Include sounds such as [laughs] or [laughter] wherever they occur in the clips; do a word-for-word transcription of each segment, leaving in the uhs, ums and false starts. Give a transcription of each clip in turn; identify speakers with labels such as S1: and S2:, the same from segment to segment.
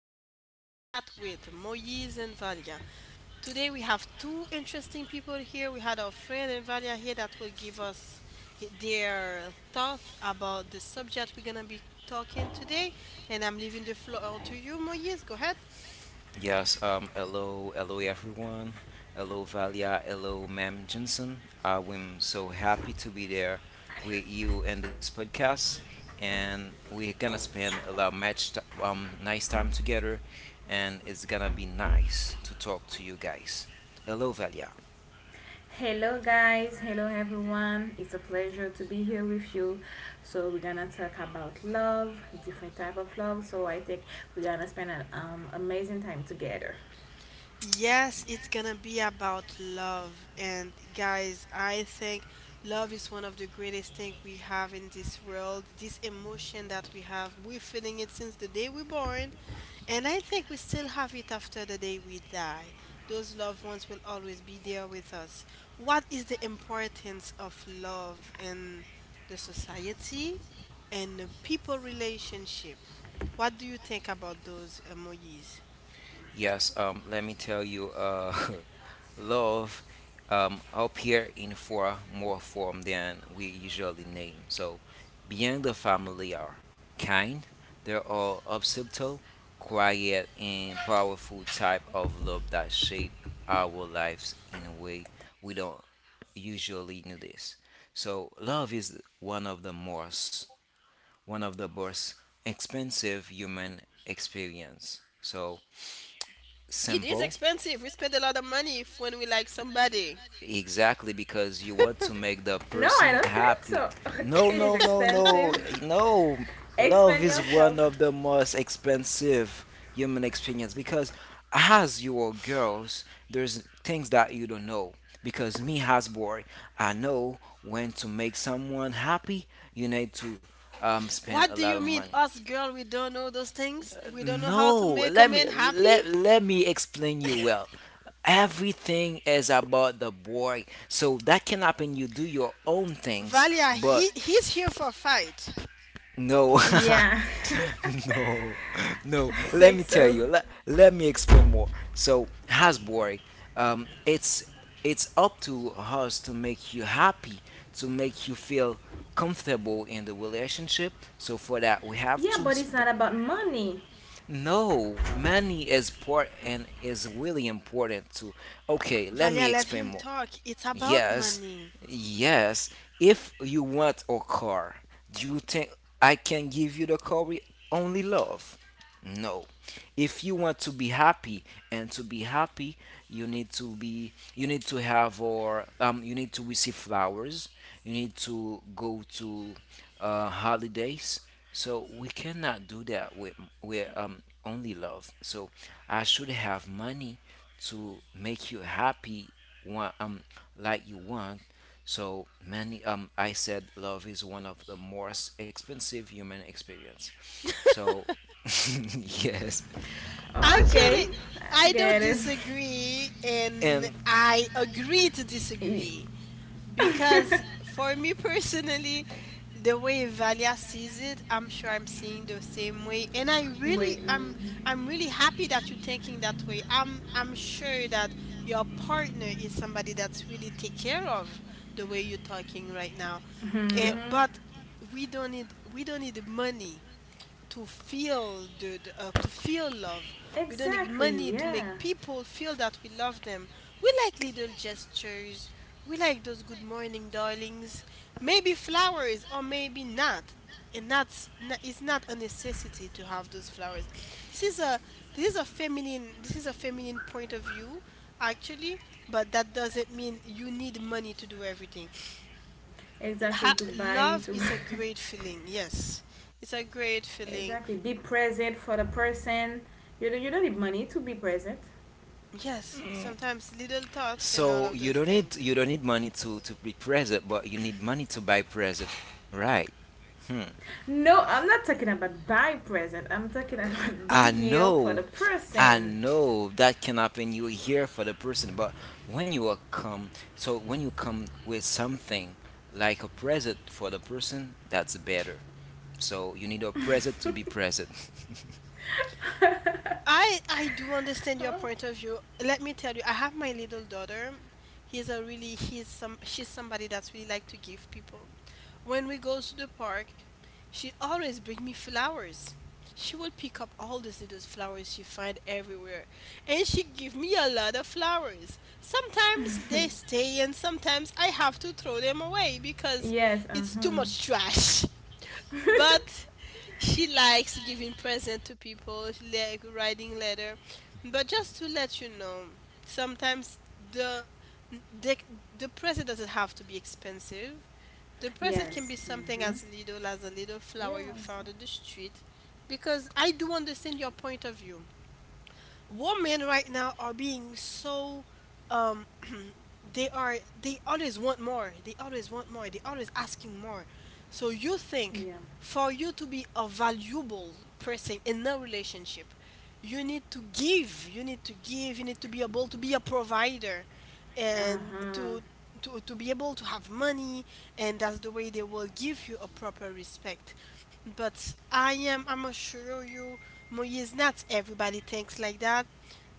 S1: in a little chat with Moise and Valia. Today we have two interesting people here. We had our friend and Valia here that will give us their thoughts about the subject we're gonna be talking today. And I'm leaving the floor to you, Moise. Go ahead.
S2: Yes, um, hello, hello everyone. Hello Valia, hello Ma'am Jensen. I am so happy to be there with you in this podcast, and we're gonna spend a lot much t- um nice time together, and it's gonna be nice to talk to you guys. Hello Valia.
S3: Hello, guys. Hello, everyone. It's a pleasure to be here with you. So we're gonna talk about love, different type of love. So I think we're gonna spend an um, amazing time together.
S1: Yes, it's gonna be about love. And guys, I think love is one of the greatest things we have in this world. This emotion that we have, we're feeling it since the day we're born. And I think we still have it after the day we die. Those loved ones will always be there with us. What is the importance of love in the society and the people relationship? What do you think about those emojis?
S2: Yes, um let me tell you uh [laughs] love um, appear in far more form than we usually name. So beyond the familiar kind, there are subtle, quiet, and powerful type of love that shape our lives in a way we don't usually notice. So love is one of the most one of the most expensive human experience. So
S1: It is
S2: simple.
S1: expensive. We spend a lot of money if when we like somebody.
S2: Exactly, because you want to make the
S3: No, I
S2: person
S3: don't think
S2: happy.
S3: so.
S2: No,
S3: It is
S2: no, no, no,
S3: expensive.
S2: no. Love
S3: Expand
S2: is one
S3: yourself.
S2: of the most expensive human experience because as you are girls, there's things that you don't know. Because me as boy, I know when to make someone happy, you need to um, spend a
S1: What do
S2: lot
S1: you
S2: of
S1: mean,
S2: money.
S1: us girl? We don't know those things. We don't know how to
S2: No,
S1: make a
S2: let me
S1: man happy.
S2: let let me explain you well. Everything is about the boy. So that can happen you do your own things,
S1: Valia,
S2: but
S1: he he's here for fight.
S2: no.
S3: Yeah,
S2: [laughs] No. No.
S3: [laughs] I
S2: Let me
S3: think
S2: tell you.
S3: so.
S2: Let, let me explain more. So has boy, um it's it's up to us to make you happy, to make you feel comfortable in the relationship. So for that we have
S3: Yeah,
S2: to
S3: but it's not
S2: spend.
S3: about money.
S2: No, money is poor and is really important too. Okay, let me
S1: Valia, let
S2: explain
S1: him
S2: more.
S1: talk. It's about
S2: Yes.
S1: money.
S2: Yes, if you want a car, do you think I can give you the car with only love? No. If you want to be happy and to be happy, you need to be you need to have or um you need to receive flowers. You need to go to uh holidays. So we cannot do that with with um only love. So I should have money to make you happy one um like you want. So many, um, I said love is one of the most expensive human experience. So, [laughs] yes,
S1: Actually,
S3: Okay, I
S1: I don't
S3: get it.
S1: disagree, and
S2: and
S1: I agree to
S3: Y-
S1: disagree because for me personally, the way Valia sees it, I'm sure I'm seeing the same way, and I really,
S3: Wait.
S1: I'm, I'm really happy that you're thinking that way. I'm, I'm sure that your partner is somebody that's really take care of the way you're talking right now,
S2: yeah.
S1: and
S3: Mm-hmm.
S1: but we don't need, we don't need money to feel the, the uh, to feel love. We don't need
S3: Exactly.
S1: money to
S3: Yeah.
S1: make people feel that we love them. We like little gestures. We like those good morning darlings. Maybe flowers or maybe not. And that's n- it's not a necessity to have those flowers. This is a this is a feminine this is a feminine point of view actually, but that doesn't mean you need money to do everything.
S3: Exactly.
S1: Ha-
S3: To buy.
S1: love
S3: To. [laughs]
S1: is a great feeling. Yes. It's a great
S3: Exactly.
S1: feeling.
S3: Be present for the person. You don't, you don't need money to be present.
S1: Yes, sometimes little thoughts and all
S2: So
S1: of
S2: you
S1: those
S2: don't need
S1: things.
S2: you don't need money to to be present, but you need money to buy present, right? Hmm.
S3: No, I'm not talking about buy present. I'm talking about [laughs] be
S2: I
S3: here for the
S2: know, I
S3: person.
S2: know that can happen. You're here for the person, but when you are come, so when you come with something like a present for the person, that's better. So you need a present to be present. [laughs]
S1: I I do understand your point of view. Let me tell you, I have my little daughter. He's a really he's some She's somebody that's really like to give people. When we go to the park, she always bring me flowers. She will pick up all these little flowers she find everywhere, and she give me a lot of flowers. Sometimes they stay, and sometimes I have to throw them away because
S3: Yes. Uh
S1: it's
S3: huh.
S1: too much trash. [laughs] But
S3: [laughs]
S1: she likes giving present to people, she like writing letter, but just to let you know, sometimes the the, the present doesn't have to be expensive. The present can
S3: yes.
S1: be
S3: Uh
S1: something
S3: huh.
S1: as little as a little
S3: Yeah.
S1: flower you
S3: So,
S1: found in the street, because I do understand your point of view. Women right now are being so, um, [clears throat] they are they always want more they always want more, they always asking more. So you think,
S3: yeah.
S1: for you to be a valuable person in a relationship, you need to give you need to give you need to be able to be a provider,
S3: Uh
S1: and
S3: huh.
S1: to to, to be able to have money, and that's the way they will give you a proper respect. But i am I'm assure you, Moise, not everybody thinks like that.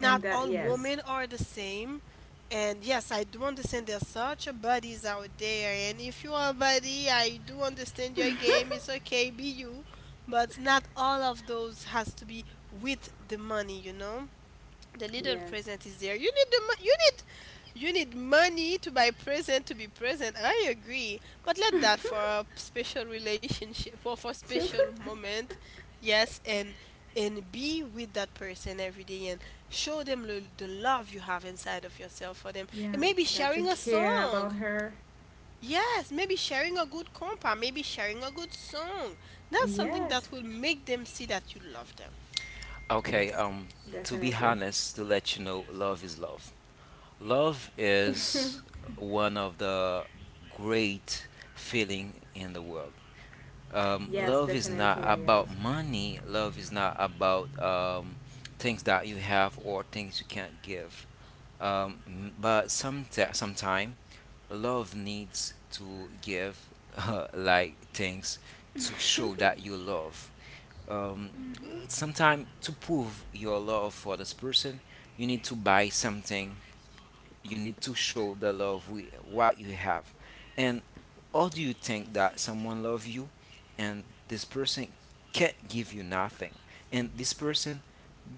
S3: And that.
S1: all
S3: Yes.
S1: women are the same. And yes, I do understand there's such a buddies out there, and if you are a buddy, I do understand your game,
S3: [laughs]
S1: it's okay, be you. But not all of those has to be with the money, you know. The little
S3: yes.
S1: present is there. You need the mo- you need, you need money to buy present to be present. I agree, but let that for a special relationship or for special
S3: [laughs]
S1: moment. Yes, and and be with that person every day and show them the, the love you have inside of yourself for them. And
S3: yeah.
S1: maybe
S3: That you
S1: sharing a
S3: care
S1: song.
S3: about her.
S1: Yes, maybe sharing a good compa, maybe sharing a good song. That's something
S3: Yes.
S1: that will make them see that you love them.
S2: Okay,
S3: Yes.
S2: um, to be
S3: Definitely.
S2: honest, to let you know, love is love. Love is one of the great feeling in the world. Um,
S3: Yes.
S2: love is not
S3: Definitely. Yeah,
S2: about
S3: yes.
S2: money. Love is not about um, things that you have or things you can't give. Um, m- but some sometime, love needs to give [laughs] uh, like things to show that you love. Um, Sometime to prove your love for this person, you need to buy something. You need to show the love with what you have. And how do you think that someone love you and this person can't give you nothing, and this person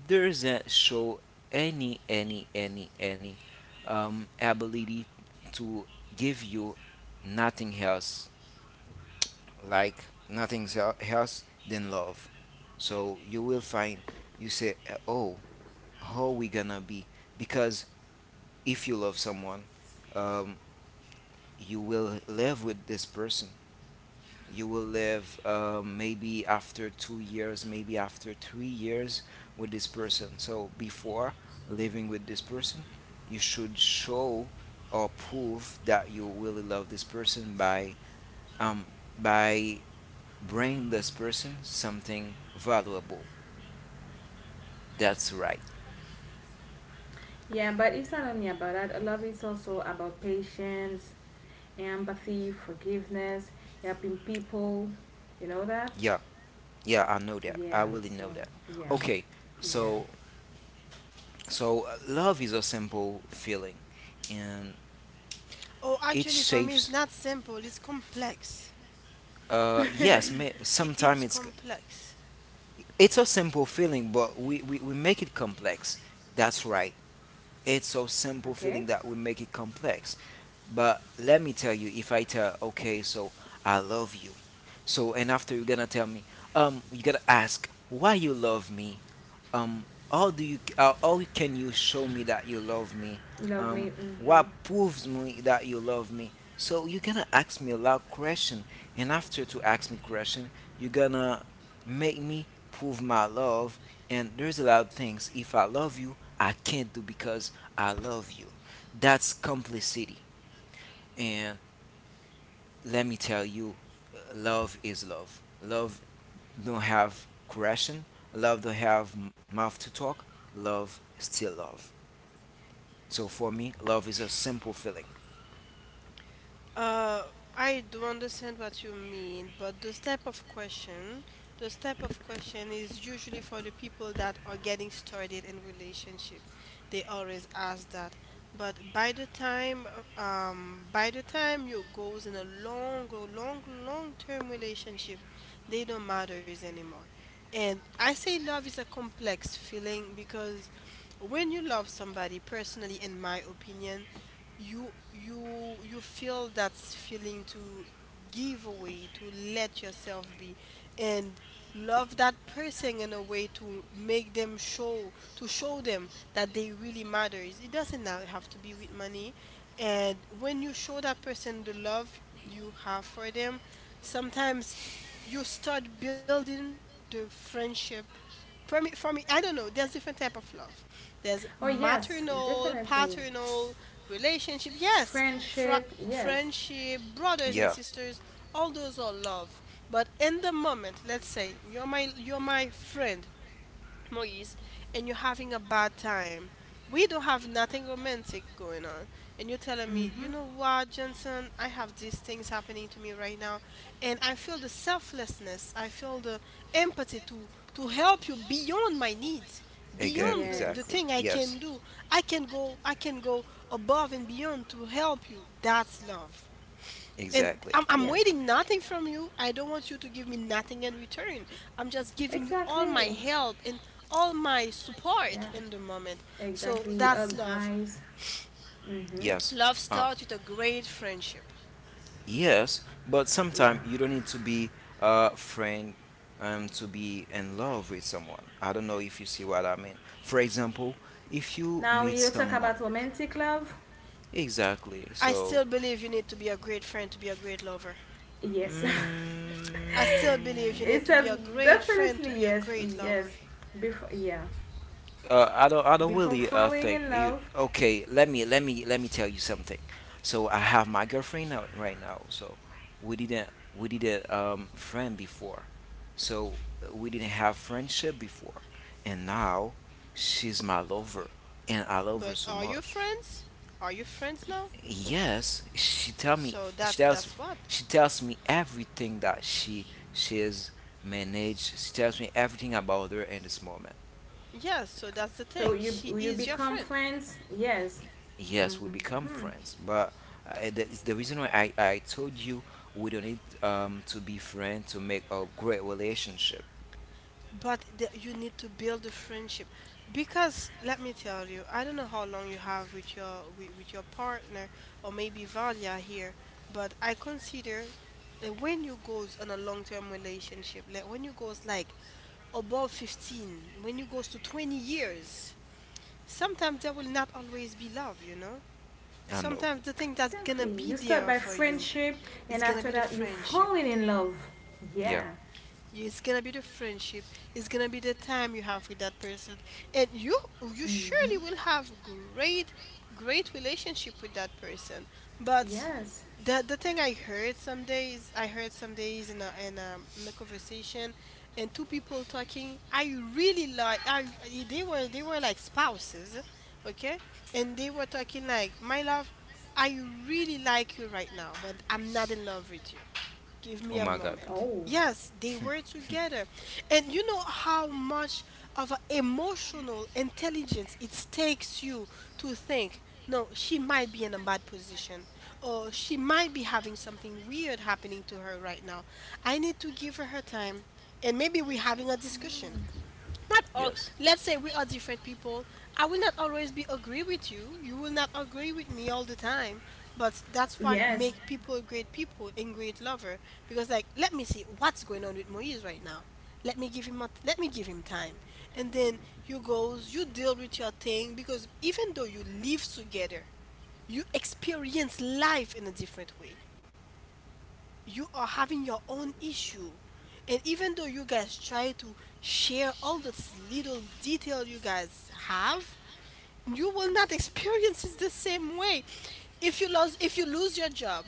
S2: doesn't show any any any any um, ability to give you nothing else, like nothing el- else than love. So you will find you say uh, oh, how we gonna be, because if you love someone, um, you will live with this person. You will live uh, maybe after two years, maybe after three years with this person. So before living with this person, you should show or prove that you really love this person by um by bringing this person something valuable. That's right.
S3: Yeah, but it's not only about that. Love is also about patience, empathy, forgiveness, helping people. You know that?
S2: Yeah, yeah, I know that. I
S3: Yeah.
S2: really
S3: So
S2: know that.
S3: yeah,
S2: Okay,
S3: yeah.
S2: so. So uh, love is a simple feeling, and
S1: Oh,
S2: it
S1: actually, for me, it's
S2: shapes.
S1: not simple, it's complex.
S2: Uh, yes,
S1: I-
S2: sometimes
S1: It's
S2: it's
S1: complex.
S2: it's a simple feeling, but we, we we make it complex. That's right. It's a simple
S3: [laughs]
S2: feeling
S3: okay.
S2: that we make it complex. But let me tell you, if I tell, okay, so I love you. So and after you're gonna tell me, um, you gotta ask why you love me. Um, how do you? Uh, how can you show me that you love me?
S3: Love
S2: Um,
S3: me. Mm-hmm.
S2: what proves me that you love me? So you're gonna ask me a lot question, and after to ask me question, you're gonna make me prove my love. And there's a lot of things. If I love you, I can't do because I love you. That's complicity. And let me tell you, love is love. Love don't have correction. Love don't have m- mouth to talk. Love is still love. So for me, love is a simple feeling.
S1: Uh, I do understand what you mean, but this type of question, this type of question is usually for the people that are getting started in relationship. They always ask that. But by the time, uh, um, by the time you goes in a long, long, long term relationship, they don't matters anymore. And I say love is a complex feeling because when you love somebody, personally, in my opinion, you you you feel that feeling to give away, to let yourself be, and love that person in a way to make them show to show them that they really matters. It doesn't now have to be with money. And when you show that person the love you have for them, sometimes you start building the friendship. for me, for me, I don't know. There's different type of love. There's
S3: Oh yes,
S1: maternal,
S3: definitely.
S1: paternal relationship. Yes, fr-
S3: Friendship. Yes.
S1: friendship, brothers
S2: Yeah,
S1: and sisters. All those are love. But in the moment, let's say you're my you're my friend, Moise, and you're having a bad time. We don't have nothing romantic going on. And you're telling me, you
S3: Mm-hmm.
S1: know what, Jensen, I have these things happening to me right now. And I feel the selflessness. I feel the empathy to, to help you beyond my needs,
S2: exa-
S1: beyond the, the
S2: exactly.
S3: Yes.
S1: thing I can
S2: Yes,
S1: do. I can go I can go above and beyond to help you. That's love. And
S2: exactly.
S1: I'm, I'm
S3: Yes.
S1: waiting nothing from you. I don't want you to give me nothing in return. I'm just giving you all my
S3: Exactly.
S1: help and all my
S3: Yeah.
S1: support in the moment. So
S3: Exactly.
S1: that's love.
S3: Advice. Mm-hmm.
S2: Yes.
S1: Love
S2: Um,
S1: starts with a great friendship.
S2: Yes, but
S3: Yeah.
S2: sometimes you don't need to be a friend um, to be in love with someone. I don't know if you see what I mean. For example, if you
S3: Now
S2: meet
S3: you talk
S2: someone,
S3: about romantic love.
S2: exactly.
S1: I
S2: So,
S1: still believe you need to be a great friend to be a great lover.
S3: Yes. [laughs]
S1: I still
S2: mm,
S1: believe you need
S3: It's
S1: to be
S3: a
S1: a great friend to
S3: definitely
S1: be a
S3: yes,
S1: great lover.
S3: yes. Before yeah,
S2: Uh, I don't. I don't
S3: before
S2: really uh,
S3: falling
S2: think.
S3: in
S2: You,
S3: love,
S2: okay, let me let me let me tell you something. So I have my girlfriend now, right now. So we didn't we didn't um friend before. So we didn't have friendship before, and now she's my lover, and I love her
S1: But
S2: so
S1: are you
S2: much.
S1: friends? Are you friends now?
S2: Yes, she tell me
S1: So
S2: she
S1: that's
S2: tells
S1: that's what.
S2: she tells me everything that she she has managed. She tells me everything about her in this moment.
S1: Yeah, so that's the
S3: so
S1: thing.
S3: you
S1: She
S3: you
S1: is your
S3: become
S1: friend.
S3: friends. Yes.
S2: Yes, we
S3: Mhm.
S2: become friends, but uh, that is the reason why I, I told you we don't need um, to be friends to make a great relationship.
S1: But the, you need to build a friendship, because let me tell you, I don't know how long you have with your with, with your partner, or maybe Valia here, but I consider, uh, when you goes on a long-term relationship, like when you goes like above fifteen, when you goes to twenty years, sometimes there will not always be love, you know?
S2: I know.
S1: Sometimes the thing that's gonna
S3: Exactly.
S1: be
S3: You
S1: there
S3: start by
S1: for you
S3: friendship,
S1: is
S3: and
S1: gonna be
S3: after
S1: the
S3: that, you
S1: friendship.
S3: falling in love.
S2: Yeah.
S3: Yeah.
S1: Yeah, it's gonna be the friendship. It's gonna be the time you have with that person, and you you surely
S3: Mhm.
S1: will have great great relationship with that person. But
S3: Yes.
S1: the the thing I heard some days, I heard some days in a in a, in a conversation, and two people talking. I really like I they were they were like spouses, okay, and they were talking like, my love. I really like you right now, but I'm not in love with you.
S2: Oh
S1: Give
S2: my
S1: me a
S2: God.
S1: moment.
S3: Oh.
S1: Yes, they were together. And you know how much of a emotional intelligence it takes you to think, no, she might be in a bad position, or she might be having something weird happening to her right now. I need to give her her time, and maybe we're having a discussion, not all,
S2: Yes.
S1: let's say we are different people. I will not always be agree with you, you will not agree with me all the time, but that's what
S3: Yes.
S1: make people great people and great lover. Because like, let me see what's going on with Moise right now. let me give him a, let me give him time, and then you goes, you deal with your thing, because even though you live together, you experience life in a different way. You are having your own issue. And even though you guys try to share all this little detail you guys have, you will not experience it the same way. If you lose if you lose your job,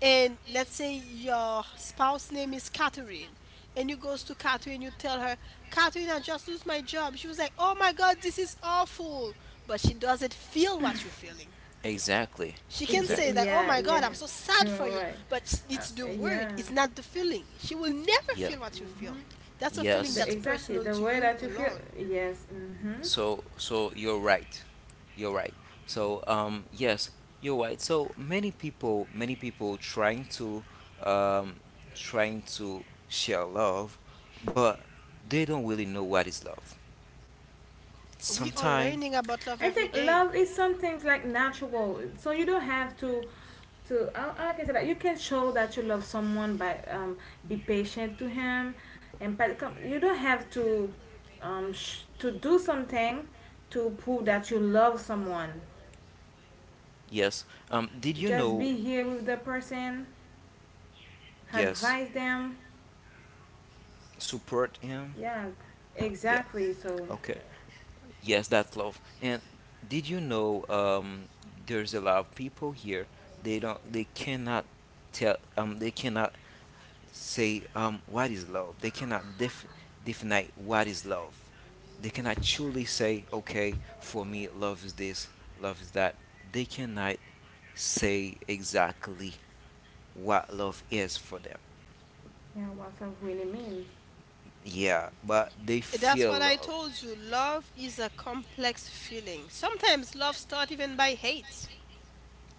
S1: and let's say your spouse name is Catherine, and you goes to Catherine, you tell her, Catherine, I just lose my job. She was like, oh my god, this is awful. But she doesn't feel what you're feeling.
S2: Exactly.
S1: She can
S3: Yeah.
S1: say
S2: Exactly.
S1: that, "Oh
S3: Yeah.
S1: my
S3: Yes.
S1: God, I'm so
S3: [laughs] You
S1: sad
S3: are
S1: for you,"
S3: right.
S1: but s- it's
S3: Uh,
S1: the
S3: yeah.
S1: word. It's not the feeling. She will never
S2: Yeah.
S1: feel what you feel.
S3: Mhm.
S1: That's a feeling
S3: The,
S2: Yes.
S1: that's
S3: exactly.
S1: personal
S3: The
S1: to
S3: way
S1: you
S3: that you feel.
S1: alone.
S3: Yes. Mhm.
S2: So so you're right. You're right. So um yes, you're right. So many people many people trying to um trying to share love, but they don't really know what is love.
S1: We are
S2: Sometime,
S1: learning about love
S3: I
S1: every
S3: think
S1: day.
S3: love is sometimes like natural, so you don't have to to. I, I can say that you can show that you love someone by um be patient to him, and but com- you don't have to um sh- to do something to prove that you love someone.
S2: yes. Um did you
S3: Just
S2: know
S3: be here with the person,
S2: yes.
S3: advise them.
S2: Support him.
S3: Yeah,
S2: Yeah.
S3: exactly. So
S2: Okay. Yes, that's love. And did you know um, there's a lot of people here. They don't. They cannot tell. Um. They cannot say um what is love. They cannot def- define what is love. They cannot truly say okay, for me love is this, love is that. They cannot say exactly what love is for them.
S3: yeah, what's love really mean?
S2: Yeah, but they
S1: That's
S2: feel
S1: what I
S2: love.
S1: told you. Love is a complex feeling. Sometimes love starts even by hate.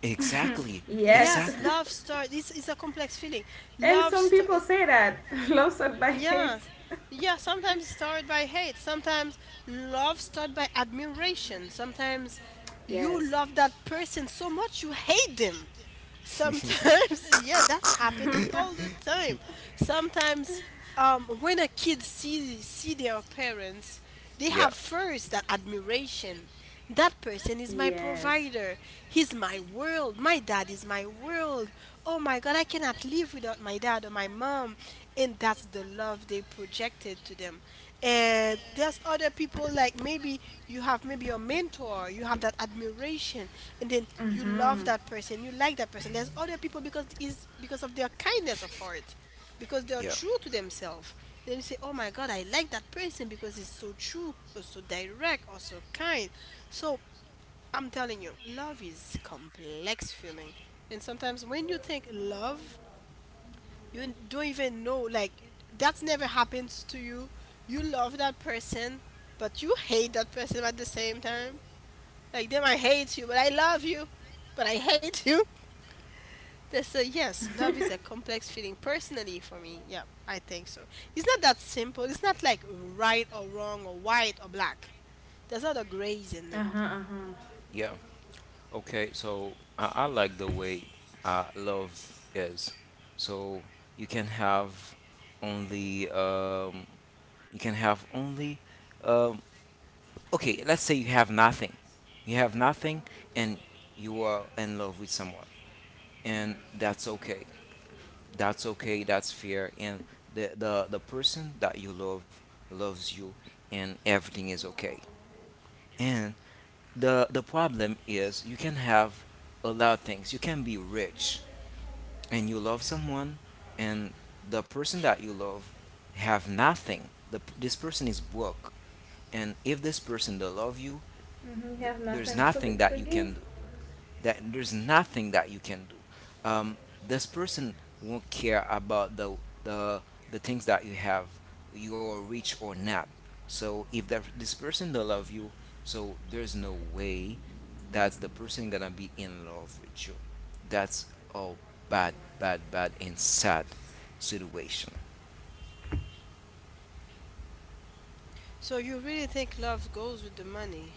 S2: Exactly,
S3: Yes,
S1: Yes,
S2: exactly.
S1: love starts. This is a complex feeling.
S3: [laughs] and
S1: Love
S3: some
S1: start.
S3: people say that [laughs] love sucked by [laughs] hate.
S1: Yeah. Yeah, sometimes it's started by hate. Sometimes love started by admiration. Sometimes you
S3: Yes,
S1: love that person so much you hate them. Sometimes, [laughs] yeah, that's happened all the time. Sometimes, um, when a kid see see their parents, they
S2: Yeah,
S1: have first that admiration. That person is my
S3: yes.
S1: provider. He's my world. My dad is my world. Oh my God, I cannot live without my dad or my mom. And that's the love they projected to them. And there's other people like maybe you have maybe your mentor, you have that admiration, and then you love
S3: Mm-hmm.
S1: that person, you like that person. There's other people because is because of their kindness of heart because they are
S2: yeah,
S1: true to themselves. Then you say, "Oh my God, I like that person because it's so true, or so direct, or so kind." So I'm telling you, love is complex feeling, and sometimes when you think love, you don't even know like that's never happens to you. You love that person, but you hate that person at the same time. Like they I hate you, but I love you, but I hate you. Th- So yes, love is a complex feeling. Personally, for me, yeah, I think so. It's not that simple. It's not like right or wrong or white or black. There's not a grays in
S3: Uh-huh,
S1: it.
S3: uh-huh.
S2: yeah. Okay, so I, I like the way uh, love is. So you can have only um, you can have only um, okay. Let's say you have nothing, you have nothing, and you are in love with someone, and that's okay. That's okay. That's fair, and the the the person that you love loves you, and everything is okay. And the the problem is you can have a lot of things. You can be rich and you love someone, and the person that you love have nothing. The, this person is broke, and if this person don't love you,
S3: Hmm. You have nothing to,
S2: there's
S3: to
S2: nothing that
S3: give.
S2: you can do, that there's nothing that you can do. Um, this person won't care about the the the things that you have, you're rich or not. So if that this person don't love you, so there's no way that the person gonna be in love with you. That's a bad, bad, bad and sad situation.
S1: So you really think love goes with the money?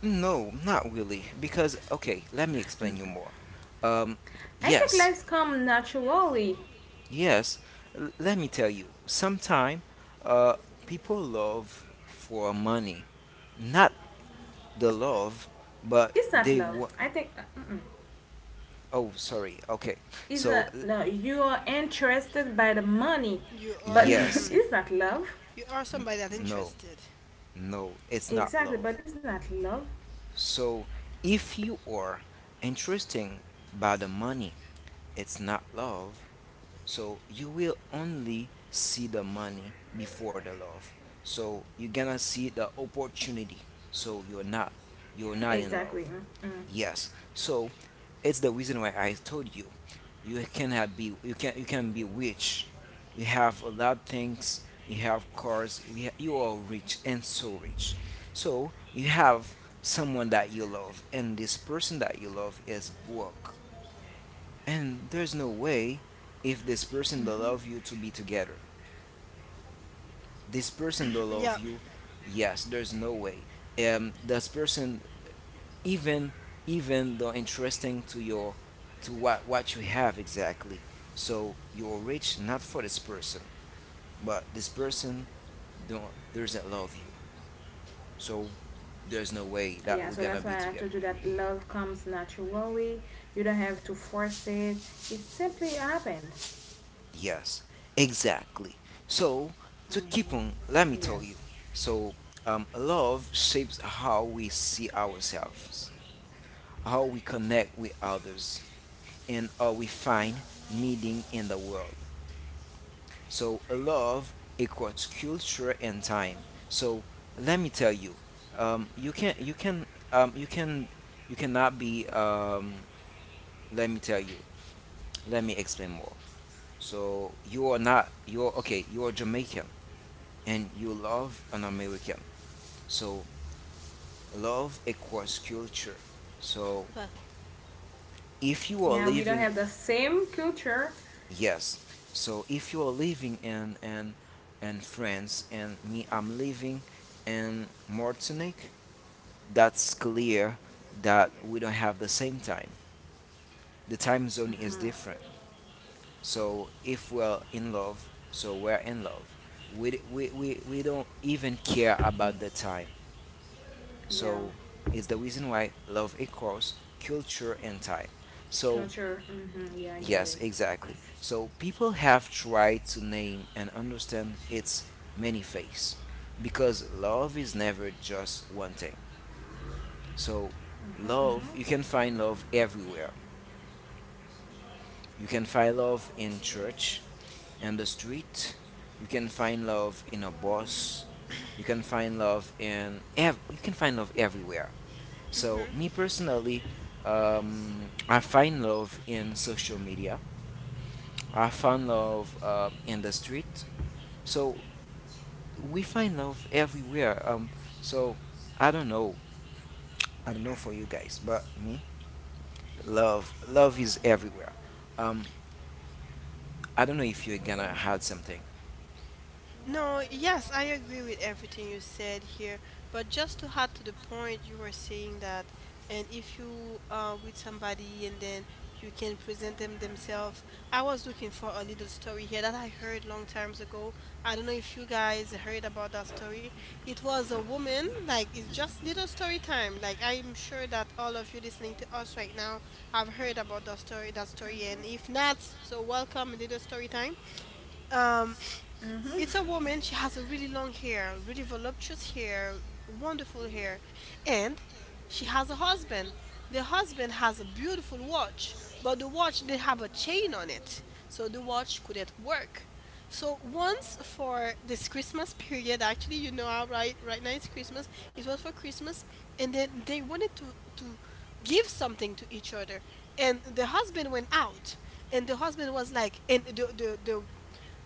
S2: No, not really. Because okay, let me explain you more. Um,
S3: I think
S2: yes,
S3: lives come naturally.
S2: Yes, l- let me tell you. Sometimes uh, people love for money, not the love, but
S3: It's not
S2: they
S3: love.
S2: want.
S3: I think
S2: Oh, sorry. Okay.
S3: it's a
S2: So, l-
S3: no, you are interested by the money,
S1: You are,
S3: but [laughs]
S1: hmm
S2: yes,
S3: it's not love.
S1: you are somebody that's
S2: no,
S1: interested.
S2: no, it's not
S3: Exactly,
S2: love.
S3: but it's not love. [laughs]
S2: So, if you are interesting by the money, it's not love. So you will only see the money before the love. So you're gonna see the opportunity. So you're not you're not in
S3: Exactly.
S2: love.
S3: Mm-mm.
S2: Yes. So it's the reason why I told you you cannot be you can you can be rich. You have a lot of things. You have cars. You, ha- you are rich and so rich. So you have someone that you love, and this person that you love is broke, and there's no way if this person don't
S3: Hmm.
S2: love you to be together. This person don't
S1: [clears throat]
S2: love
S1: Yeah,
S2: you. Yes, there's no way. Um, this person, even even though interesting to your, to what what you have exactly. So you're rich not for this person, but this person don't doesn't love you. So there's no way that
S3: Yeah,
S2: we're
S3: so
S2: gonna
S3: that's
S2: be
S3: why I
S2: together.
S3: told you that love comes naturally. You don't have to force it. It simply happened.
S2: Yes, exactly. So, to keep
S3: Mhm.
S2: on, let me tell you.
S3: Yes.
S2: So, um, love shapes how we see ourselves, how we connect with others, and how we find meaning in the world. So, love equals culture and time. So, let me tell you, um, you can, you can, um, you can, you cannot be. Um, let me tell you. Let me explain more. So, you are not. You're okay. You are Jamaican and you love an American. So love equals culture. So
S1: but.
S2: if you are
S3: Yeah, we don't
S2: living,
S3: have the same culture.
S2: yes. So if you are living in in in France, and me, I'm living in Martinique. That's clear that we don't have the same time. The time zone is different. So if we're in love, so we're in love. We, we, we, we don't even care about the time.
S3: Yeah.
S2: So it's the reason why love equals culture and time. So
S3: Culture. Mm-hmm. Yeah, I get it.
S2: yes, exactly. So people have tried to name and understand its many faces because love is never just one thing. So
S3: Mm-hmm, mm-hmm.
S2: love, you can find love everywhere. You can find love in church, in the street. You can find love in a bus. You can find love in ev- you can find love everywhere. So
S1: Mhm.
S2: me personally, um, I find love in social media. I find love uh, in the street. So we find love everywhere. Um, so I don't know. I don't know for you guys, but me, love, love is everywhere. Um, I don't know if you're gonna add something.
S1: No, yes, I agree with everything you said here, but just to add to the point you were saying that, and if you are with somebody and then you can present them themselves. I was looking for a little story here that I heard long times ago. I don't know if you guys heard about that story. It was a woman, like it's just little story time. Like I'm sure that all of you listening to us right now have heard about that story, that story, and if not, so welcome little story time. Um, it's a woman. She has a really long hair, really voluptuous hair, wonderful hair, and she has a husband. The husband has a beautiful watch, but the watch didn't have a chain on it, so the watch couldn't work. So once for this Christmas period, actually, you know, how right right now it's Christmas. It was for Christmas, and then they wanted to to give something to each other, and the husband went out, and the husband was like, and the the the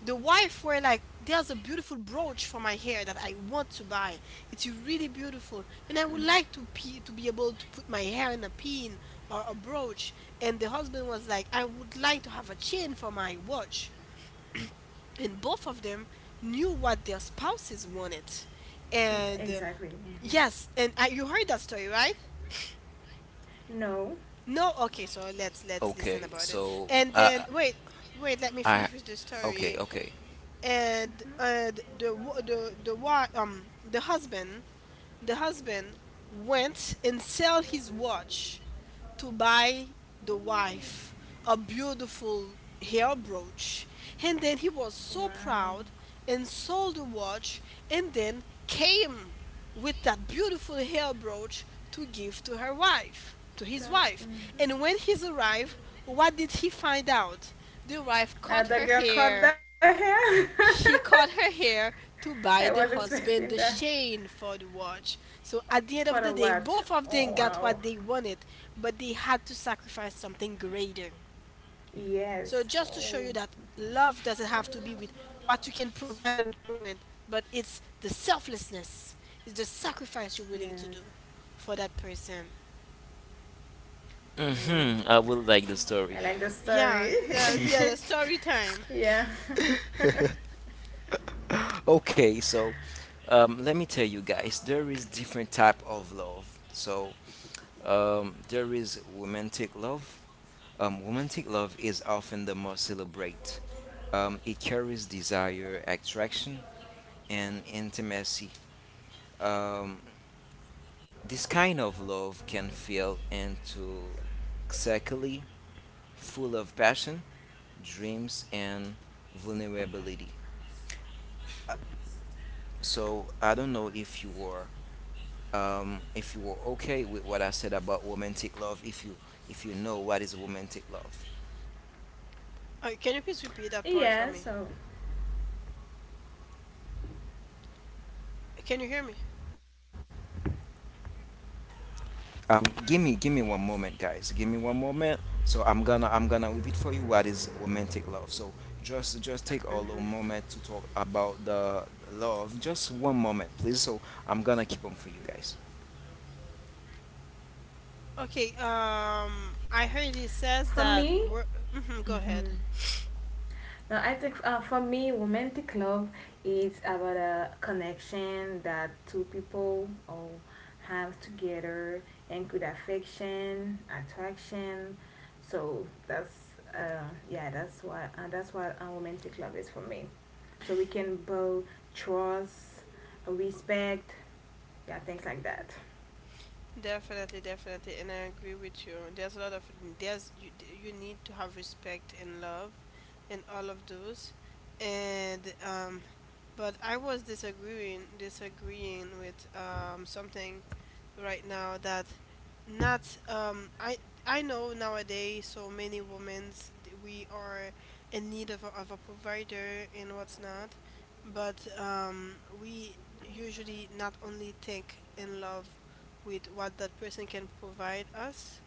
S1: the wife were like, there's a beautiful brooch for my hair that I want to buy. It's really beautiful, and I would like to pe- to be able to put my hair in a pin or a brooch. And the husband was like, I would like to have a chain for my watch. And both of them knew what their spouses wanted,
S3: Mm,
S1: and uh,
S3: exactly. Mm-hmm.
S1: yes. And uh, you heard that story, right?
S3: No.
S1: No? Okay, so let's let's listen
S2: Okay,
S1: about it.
S2: so
S1: And then
S2: uh,
S1: wait, wait, let me
S2: I
S1: finish with the
S2: okay,
S1: story.
S2: okay.
S1: and and the wa- the the wife, um the husband, the husband went and sell his watch to buy the wife a beautiful hair brooch. And then he was so
S3: Wow.
S1: proud, and sold the watch, and then came with that beautiful hair brooch to give to her wife, to his wife.
S3: The-
S1: And when he's arrived, what did he find out? The wife
S3: Uh,
S1: cut
S3: the
S1: her
S3: girl cut the
S1: hair.
S3: hair.
S1: She cut her hair
S3: [laughs]
S1: to
S3: I was
S1: buy the
S3: expecting
S1: husband
S3: that
S1: the chain for the watch. So at the end
S3: for
S1: of
S3: the
S1: the day,
S3: watch.
S1: both of
S3: Oh
S1: them got
S3: wow.
S1: what they wanted, but they had to sacrifice something greater. So
S3: Yes.
S1: just to show
S3: Oh.
S1: you that love doesn't have to be with what you can provide in the moment, but it's the selflessness, it's the sacrifice you're willing to
S3: Yeah.
S1: do for that person.
S2: hmm
S3: Oh.
S2: I will like the story.
S3: I like the
S1: Yeah, yeah,
S3: story.
S1: yeah, the story time.
S3: [laughs] yeah.
S2: Okay, so um, let me tell you guys, there is different type of love. So um, there is romantic love. Um, romantic love is often the most celebrate. Um, it carries desire, attraction, and intimacy. Um, this kind of love can feel into exactly full of passion, dreams, and vulnerability. So I don't know if you were um, if you were okay with what I said about romantic love. If you if you know what is romantic love,
S1: Uh, can you please repeat that part for
S3: Yeah.
S1: me?
S3: So.
S1: Can you hear me?
S2: um, give me give me one moment, guys. Give me one moment. So I'm gonna I'm gonna repeat for you what is romantic love. So just just take a little
S3: Hmm.
S2: moment to talk about the love. Just one moment, please. So I'm gonna keep on for you guys.
S1: Okay, um, I heard he says
S3: For
S1: that.
S3: me.
S1: wor- Mhm, go ahead.
S3: Hmm. No, I think uh, for me, romantic love is about a connection that two people oh, have together, include affection, attraction. So that's uh, yeah, that's what uh, that's what uh, romantic love is for me. So we can build trust, respect, yeah, things like that.
S1: Definitely, definitely, and I agree with you. There's a lot of there's you, you need to have respect and love, and all of those, and um, but I was disagreeing disagreeing with um something right now that not um I I know nowadays so many women's th- we are in need of a, of a provider and what's not, but um we usually not only think in love with what that person can provide us.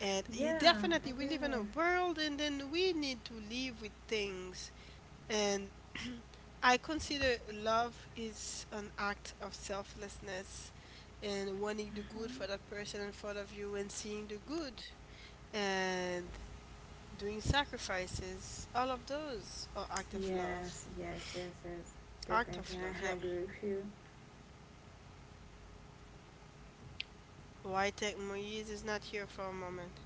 S1: And it
S3: Yeah,
S1: definitely,
S3: I
S1: we
S3: get
S1: live in
S3: it.
S1: a world, and then we need to live with things. And [clears throat] I consider love is an act of selflessness and wanting the good for that person in front of you and seeing the good and doing sacrifices. All of those are act of love.
S3: Yes, yes, yes, yes.
S1: Act
S3: Definitely,
S1: of love,
S3: I
S1: yeah.
S3: agree with you.
S1: Why Wojtek Moise is not here for a moment.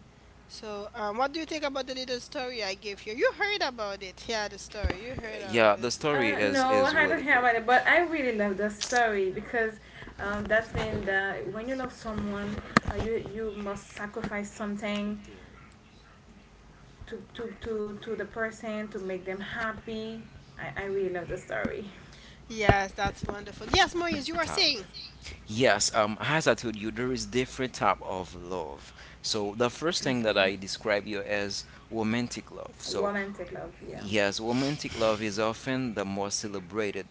S1: So, um, what do you think about the little story I gave you? You heard about it. Yeah, the story. You heard
S2: Yeah,
S1: about
S2: the
S1: it.
S3: Uh,
S2: story
S3: no,
S2: is
S3: I don't
S2: is
S3: hear about
S2: really
S3: it,
S2: good,
S3: but I really love the story because um, that's been the when you love someone, uh, you you must sacrifice something to to to to the person to make them happy. I, I really love the story.
S1: Yes, that's wonderful. Yes, Moise, you are
S2: Pablo.
S1: saying.
S2: Yes, um, as I told you, there is different type of love. So the first thing that
S3: Hmm.
S2: I describe you as romantic love. So
S3: Romantic love, yeah.
S2: yes, romantic love is often the more celebrated.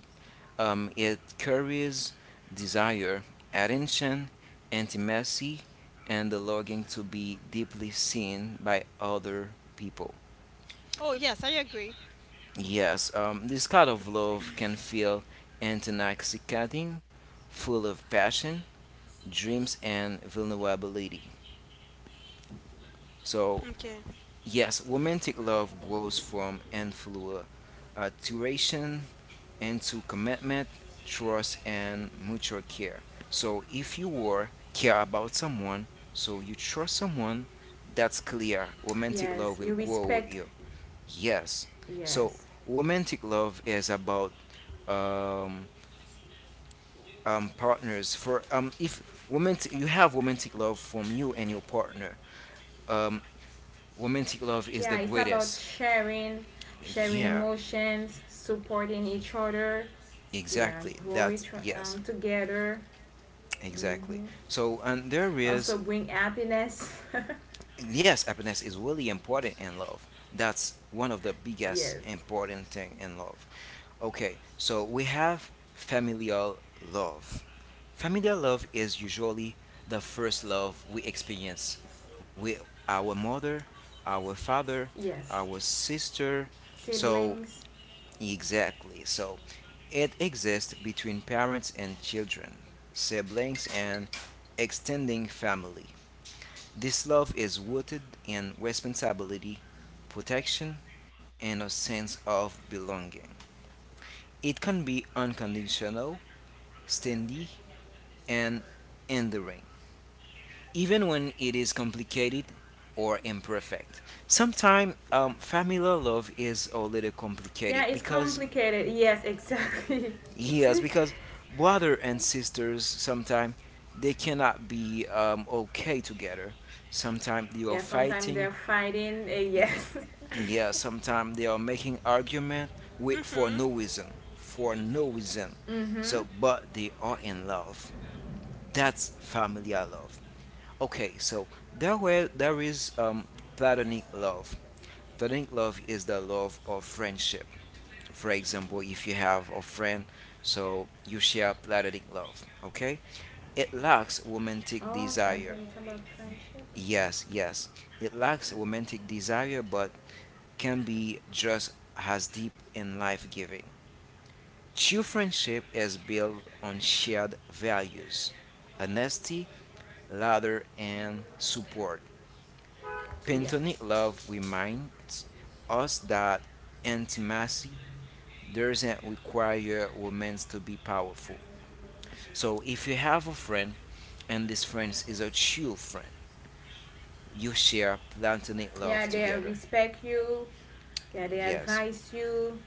S2: Um, it carries desire, attention, intimacy, and the longing to be deeply seen by other people.
S1: Oh, yes, I agree.
S2: Yes, um, this kind of love can feel intoxicating, full of passion, dreams, and vulnerability. So,
S1: Okay.
S2: yes, romantic love grows from infatuation into commitment, trust, and mutual care. So, if you were care about someone, so you trust someone, that's clear. Romantic
S3: Yes,
S2: love will
S3: you
S2: grow with
S3: respect.
S2: you. Yes. So,
S3: Yes,
S2: romantic love is about um, um, partners for um, if romantic you have romantic love from you and your partner, um, romantic love is
S3: yeah.
S2: the
S3: It's about
S2: greatest.
S3: sharing, sharing
S2: Yeah,
S3: emotions, supporting each other. Yeah,
S2: exactly.
S3: growing
S2: That's
S3: tr- um
S2: yes,
S3: together.
S2: exactly.
S3: Mm-hmm.
S2: So, and there
S3: Also
S2: is
S3: bring happiness.
S2: yes, happiness is really important in love. That's one of the
S3: [laughs]
S2: biggest
S3: yes,
S2: important thing in love. Okay, so we have familial love. Familial love is usually the first love we experience with our mother, our father,
S3: yes.
S2: our sister. So
S3: Siblings.
S2: exactly. So it exists between parents and children, siblings and extending family. This love is rooted in responsibility, protection, and a sense of belonging. It can be unconditional, steady, and enduring, even when it is complicated or imperfect. Sometimes um, familial love is a little
S3: Yeah,
S2: complicated
S3: it's
S2: because
S3: complicated. Yes, exactly.
S2: yes, because brother and sisters sometimes they cannot be um, okay together. Sometimes they
S3: [laughs]
S2: are
S3: yeah, sometimes
S2: fighting.
S3: they're fighting. Uh,
S2: y-
S3: yes.
S2: Yeah, sometimes they are making argument with, for
S1: Mm-hmm.
S2: no reason, for no reason.
S3: [laughs]
S2: So,
S3: mm-hmm.
S2: but they are in love. That's familial love. Okay, so there were there is um, platonic love. Platonic love is the love of friendship. For example, if you have a friend, so you share platonic love, okay? It lacks romantic
S3: Oh, okay,
S2: desire.
S3: okay. It's about friendship.
S2: Yes, yes. It lacks romantic desire, but can be just as deep and life giving. True friendship is built on shared values honesty, laughter, and support.
S3: Yeah.
S2: Platonic love reminds us that intimacy doesn't require romance to be powerful. So if you have a friend and this friend is a true friend, you share platonic
S3: Yeah,
S2: love
S3: they
S2: together.
S3: respect you. Yeah, they
S2: Yes,
S3: advise you.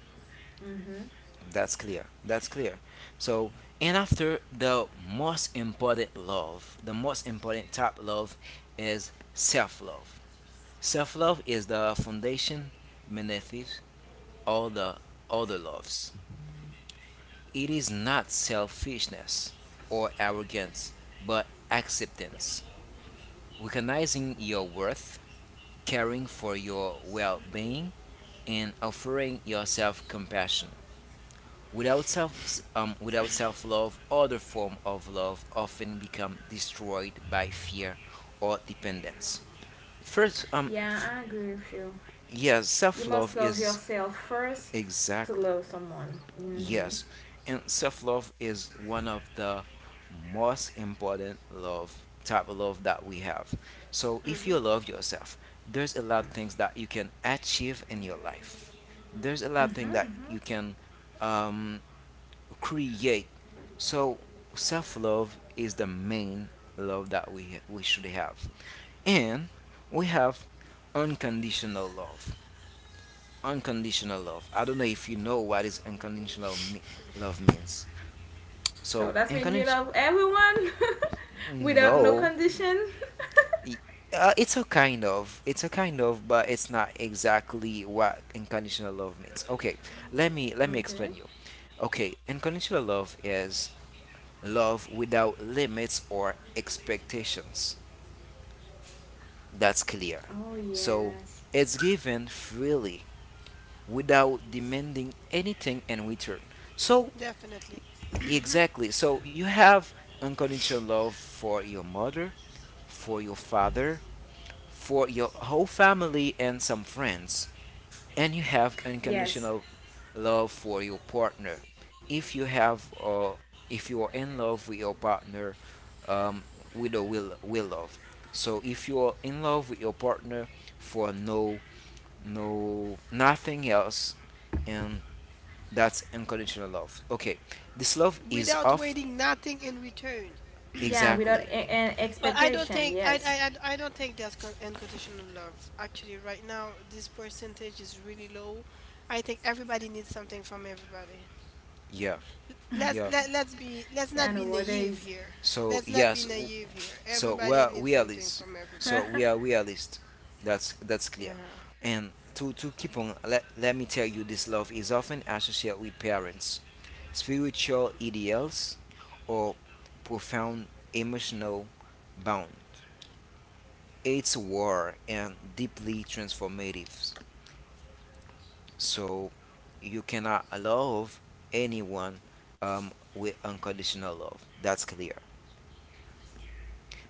S3: Mm-hmm.
S2: that's clear. That's clear. So and after the most important love, the most important type love is self-love. Self-love is the foundation beneath it all the other loves. It is not selfishness or arrogance, but acceptance, recognizing your worth caring for your well being, and offering yourself compassion. Without self, um, without self love, other forms of love often become destroyed by fear or dependence. First, um, f-
S3: Yeah, I agree with you.
S2: yes, self
S3: You
S2: love
S3: must love
S2: is
S3: yourself first to
S2: exactly
S3: love someone. Mm-hmm.
S2: yes, and self-love is one of the most important love type of love that we have. So if
S1: Mm-hmm.
S2: you love yourself, there's a lot of things that you can achieve in your life. There's a lot of
S3: Mm-hmm.
S2: things that
S3: Mm-hmm.
S2: you can um, create. So self-love is the main love that we we should have, and we have unconditional love unconditional love. I don't know if you know what is unconditional love, me- love means. So
S3: So that means you
S2: unconditional,
S3: love everyone [laughs] without no
S2: no,
S3: condition.
S2: Y- uh, it's a kind of, it's a kind of, but it's not exactly what unconditional love means. Okay, let me let me
S3: Okay.
S2: explain you. Okay, unconditional love is love without limits or expectations. That's clear.
S3: Oh
S2: So
S3: yes,
S2: it's given freely without demanding anything in return. So
S1: Definitely. [coughs]
S2: exactly. So you have unconditional love for your mother, for your father, for your whole family and some friends. And you have
S3: yes,
S2: unconditional love for your partner. If you have uh, if you are in love with your partner, um, with or will will love. So if you are in love with your partner for no no nothing else, and that's unconditional love. Okay, this
S1: [clears throat]
S2: love is
S1: Without
S2: often
S1: waiting nothing in return.
S3: yeah. Without
S2: exactly.
S3: a- an
S1: But I don't
S3: expectation,
S1: think I
S3: yes.
S1: I, I I don't think there's con- unconditional love. Actually, right now this percentage is really low. I think everybody needs something from everybody.
S2: Yeah.
S1: Let's
S2: Yeah.
S1: let, let's be, let's
S3: Yeah,
S1: not be naive
S3: nowadays,
S1: here.
S2: So
S1: Let's not
S2: yes.
S1: be
S2: w-
S1: naive here.
S2: So we
S1: Everybody
S2: are
S1: needs
S2: we are
S1: something
S2: list.
S1: from
S2: So
S1: everybody.
S2: we are we are list. That's that's clear.
S1: Yeah.
S2: And to to keep on let let me tell you this love is often associated with parents, spiritual ideals, or profound emotional bond. It's war and deeply transformative. So you cannot love anyone um, with unconditional love. That's clear.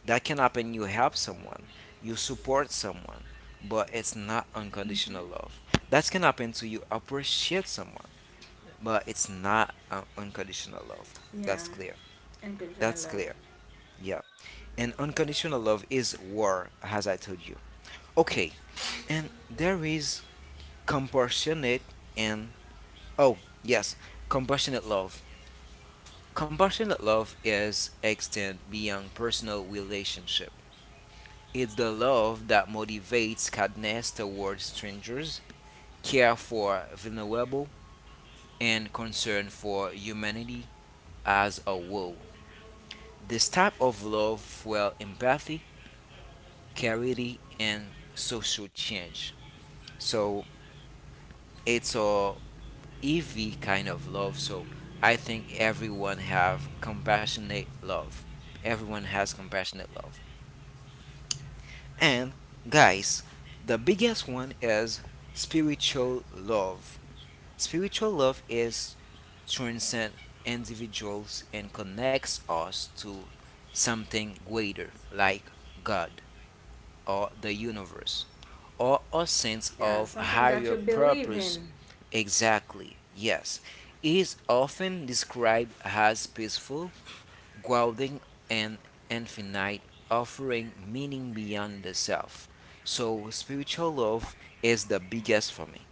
S2: That can happen. You help someone, you support someone, but it's not unconditional love. That can happen to you. Appreciate someone, but it's not uh, unconditional love.
S3: yeah,
S2: That's clear.
S3: unconditional
S2: That's
S3: love.
S2: clear. Yeah. And unconditional love is war, as I told you. Okay. And there is compassionate and oh yes, compassionate love. Compassionate love is extend beyond personal relationship. It's the love that motivates kindness towards strangers, care for vulnerable, and concern for humanity as a whole. This type of love fuels empathy, charity, and social change. So it's a EV kind of love. So I think everyone have compassionate love. Everyone has compassionate love. And guys, the biggest one is spiritual love. Spiritual love is transcends individuals and connects us to something greater, like God or the universe, or a sense
S3: Yeah,
S2: of
S3: something that
S2: higher
S3: you believe
S2: purpose.
S3: in,
S2: Exactly, yes. It is often described as peaceful, grounding, and infinite, offering meaning beyond the self. So, spiritual love is the biggest for me.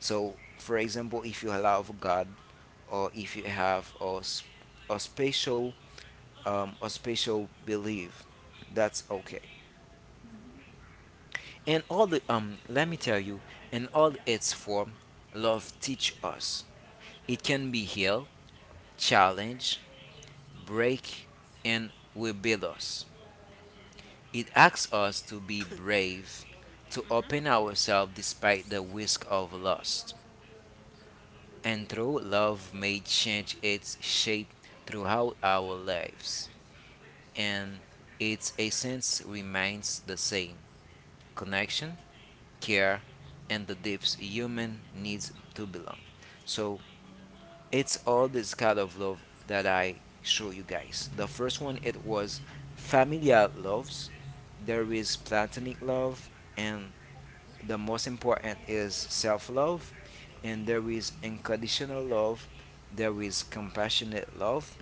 S2: So, for example, if you love God, or if you have a, s- a special um, a special belief, that's okay. And all the um, let me tell you, in all its form, love teach us. It can be heal, challenge, break, and rebuild us. It asks us to be brave, to
S1: Mhm.
S2: open ourselves despite the risk of loss. And though love may change its shape throughout our lives, and its essence remains the same connection, care, and the deepest human needs to belong. So it's all this kind of love that I show you guys. The first one it was familial loves, there is platonic love and the most important is self love, and there is unconditional love, there is compassionate love,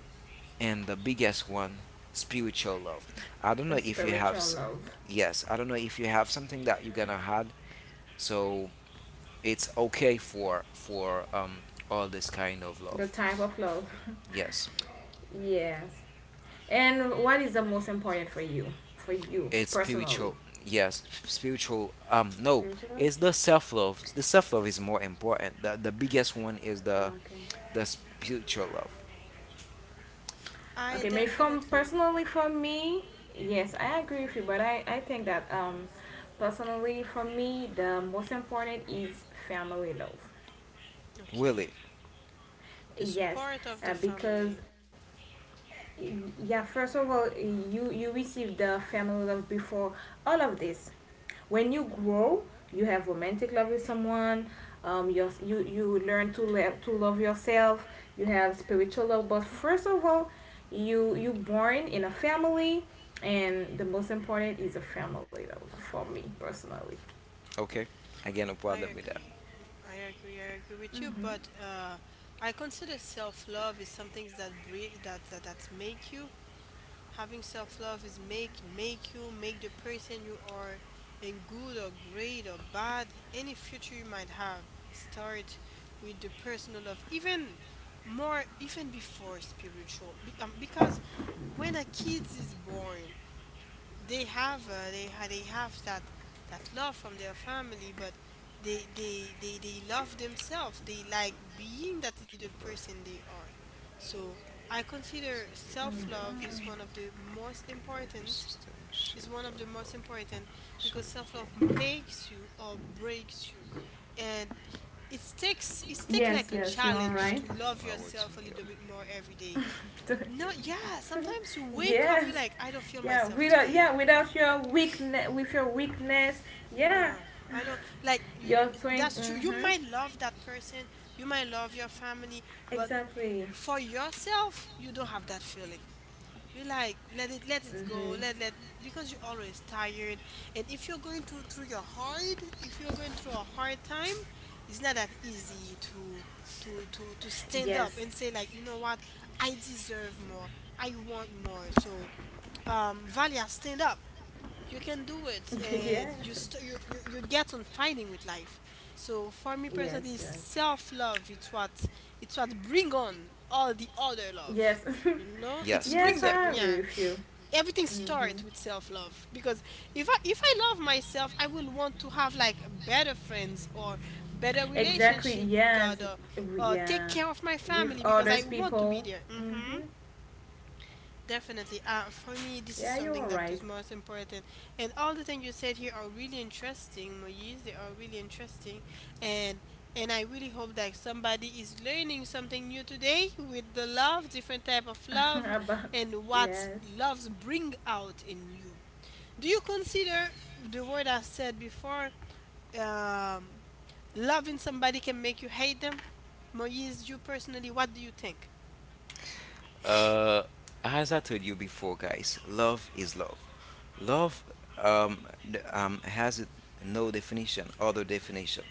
S2: and the biggest one, spiritual love. I don't
S3: the
S2: know if you have,
S3: spiritual
S2: s-
S3: love,
S2: yes, I don't know if you have something that you're gonna had. So it's okay for for um all this kind of
S3: the
S2: love.
S3: type of love.
S2: Yes,
S3: Yes. And what is the most important for you, for you
S2: it's
S3: personally?
S2: spiritual. Yes, spiritual. Um, no,
S3: Spiritual love.
S2: it's the self love. The self love is more important. The the biggest one is the
S3: Okay.
S2: the spiritual love.
S1: I
S3: Okay. Maybe from
S1: definitely
S3: personally
S1: agree.
S3: for me, yes, I agree with you,
S1: Mhm.
S3: but I I think that um, personally for me, the most important is family love.
S2: Willie.
S1: Okay. The
S3: Yes,
S1: support of the
S3: uh, because
S1: family.
S3: y- yeah, first of all, you you receive the family love before all of this. When you grow, you have romantic love with someone. Um, you you you learn to love to love yourself. You have spiritual love, but first of all, you you born in a family, and the most important is a family love for me personally.
S2: Okay. Again, no
S1: I
S2: problem with that.
S1: agree. Mm, I agree. I agree with you.
S3: Hmm.
S1: But uh, I consider self love is something that bre- that that that make you. Having self love is make make you, make the person you are, and good or great or bad, any future you might have start with the personal love, even more, even before spiritual. Be- um, because when a kid is born, they have uh, they ha- they have that that love from their family, but they they they they love themselves, they like being that little
S2: To love,
S1: person they are. So I consider
S2: except you without
S1: self-love is one
S3: Hmm.
S2: judgment.
S1: of the most
S2: The nervous
S1: important,
S2: system
S1: is
S2: shift
S1: one of
S2: out
S1: the
S2: of
S1: most important, because
S2: survival
S1: self-love
S2: mode.
S1: makes you or breaks you. And it takes it takes
S3: Yes,
S1: like a
S3: yes, you are
S1: challenge to
S3: right.
S2: The
S1: love
S2: power to
S1: yourself a
S2: heal,
S1: little bit more every day.
S2: to heal,
S1: No, yeah, sometimes you
S3: [laughs]
S1: wake up you're
S3: yes.
S1: like, I don't feel
S3: Yeah,
S1: myself
S2: to
S3: without,
S2: heal, to
S1: today.
S3: yeah, without your
S2: heal.
S3: weakness, with your weakness, yeah.
S1: Yeah, I don't like
S3: [laughs]
S1: you, you-
S3: Your strength.
S1: that's true. You
S3: Mm-hmm.
S1: might love that person, you might love your family, but
S3: Exactly.
S1: for yourself, you don't have that feeling. You like, let it, let it go,
S3: Mm-hmm.
S1: let let, because you're always tired. And if you're going to through your hard, if you're going through a hard time, it's not that easy to to to to stand up
S3: Yes.
S1: and say like, you know what, I deserve more, I want more. So, um, Valia, stand up, you can do it,
S3: [laughs] Yes,
S1: and you, st- you you you get on fighting with life. So for me personally,
S3: yes, yes,
S1: self-love, it's what, it's what bring on all the other love,
S3: yes. [laughs]
S1: you know, it's
S2: Yes,
S1: bring
S3: yes,
S1: them,
S2: exactly.
S3: I
S1: yeah.
S3: agree with you.
S1: Everything
S3: Mm-hmm.
S1: starts with self-love, because if I, if I love myself, I will want to have like better friends, or better
S3: Exactly,
S1: relationship with
S3: yes.
S1: God, or,
S3: W-
S1: or take
S3: yeah,
S1: care of my
S3: with
S1: family because I
S3: others
S1: want to be
S3: people.
S1: there. Hmm.
S3: Mm-hmm.
S1: Definitely. Uh, for me, this is
S3: Yeah, you're
S1: something that
S3: right.
S1: is most important. And all the things you said here are really interesting, Moise. They are really interesting. And and I really hope that somebody is learning something new today with the love, different type of
S3: [laughs]
S1: love,
S3: About
S1: and what
S3: yes,
S1: loves bring out in you. Do you consider the word I said before, um, loving somebody can make you hate them? Moise, you personally, what do you think?
S2: Uh, as I told you before, guys, love is love. Love um, n- um, has no definition, other definition.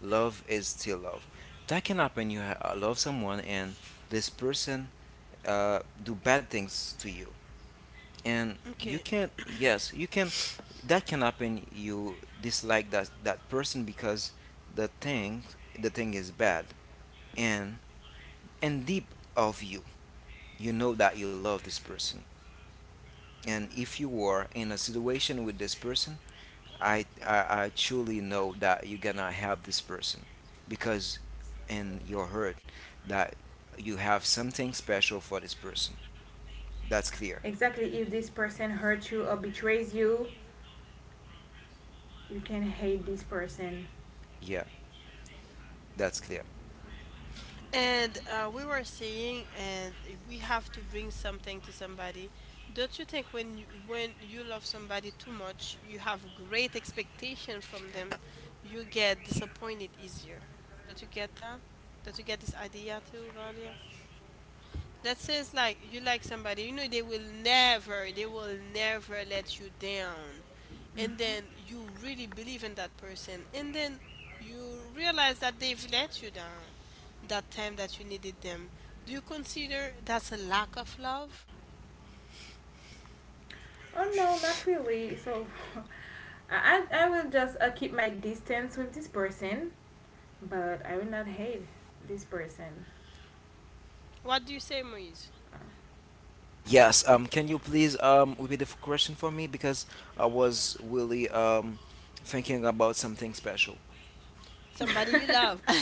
S2: Love is still love. That can happen. You ha- uh, love someone, and this person uh, do bad things to you, and you
S1: Okay.
S2: can. Yes, you can. That can happen. You dislike that that person because the thing the thing is bad, and and deep of you, you know that you love this person, and if you were in a situation with this person, I, I I truly know that you're gonna help this person because in your heart that you have something special for this person. That's clear.
S3: exactly. If this person hurts you or betrays you, you can hate this person.
S2: Yeah, that's clear.
S1: And uh, we were saying, and we have to bring something to somebody. Don't you think when you, when you love somebody too much, you have great expectation from them, you get disappointed easier? Don't you get that? Don't you get this idea too, Valia? That says like, you like somebody, you know they will never, they will never let you down, and then you really believe in that person, and then you realize that they've let you down that time that you needed them. Do you consider that's a lack of love?
S3: Oh no, not really. So, [laughs] I I will just uh, keep my distance with this person, but I will not hate this person.
S1: What do you say, Moise?
S2: Yes, um can you please um repeat the f- question for me because I was really um thinking about something special.
S1: Somebody you love.
S3: [laughs]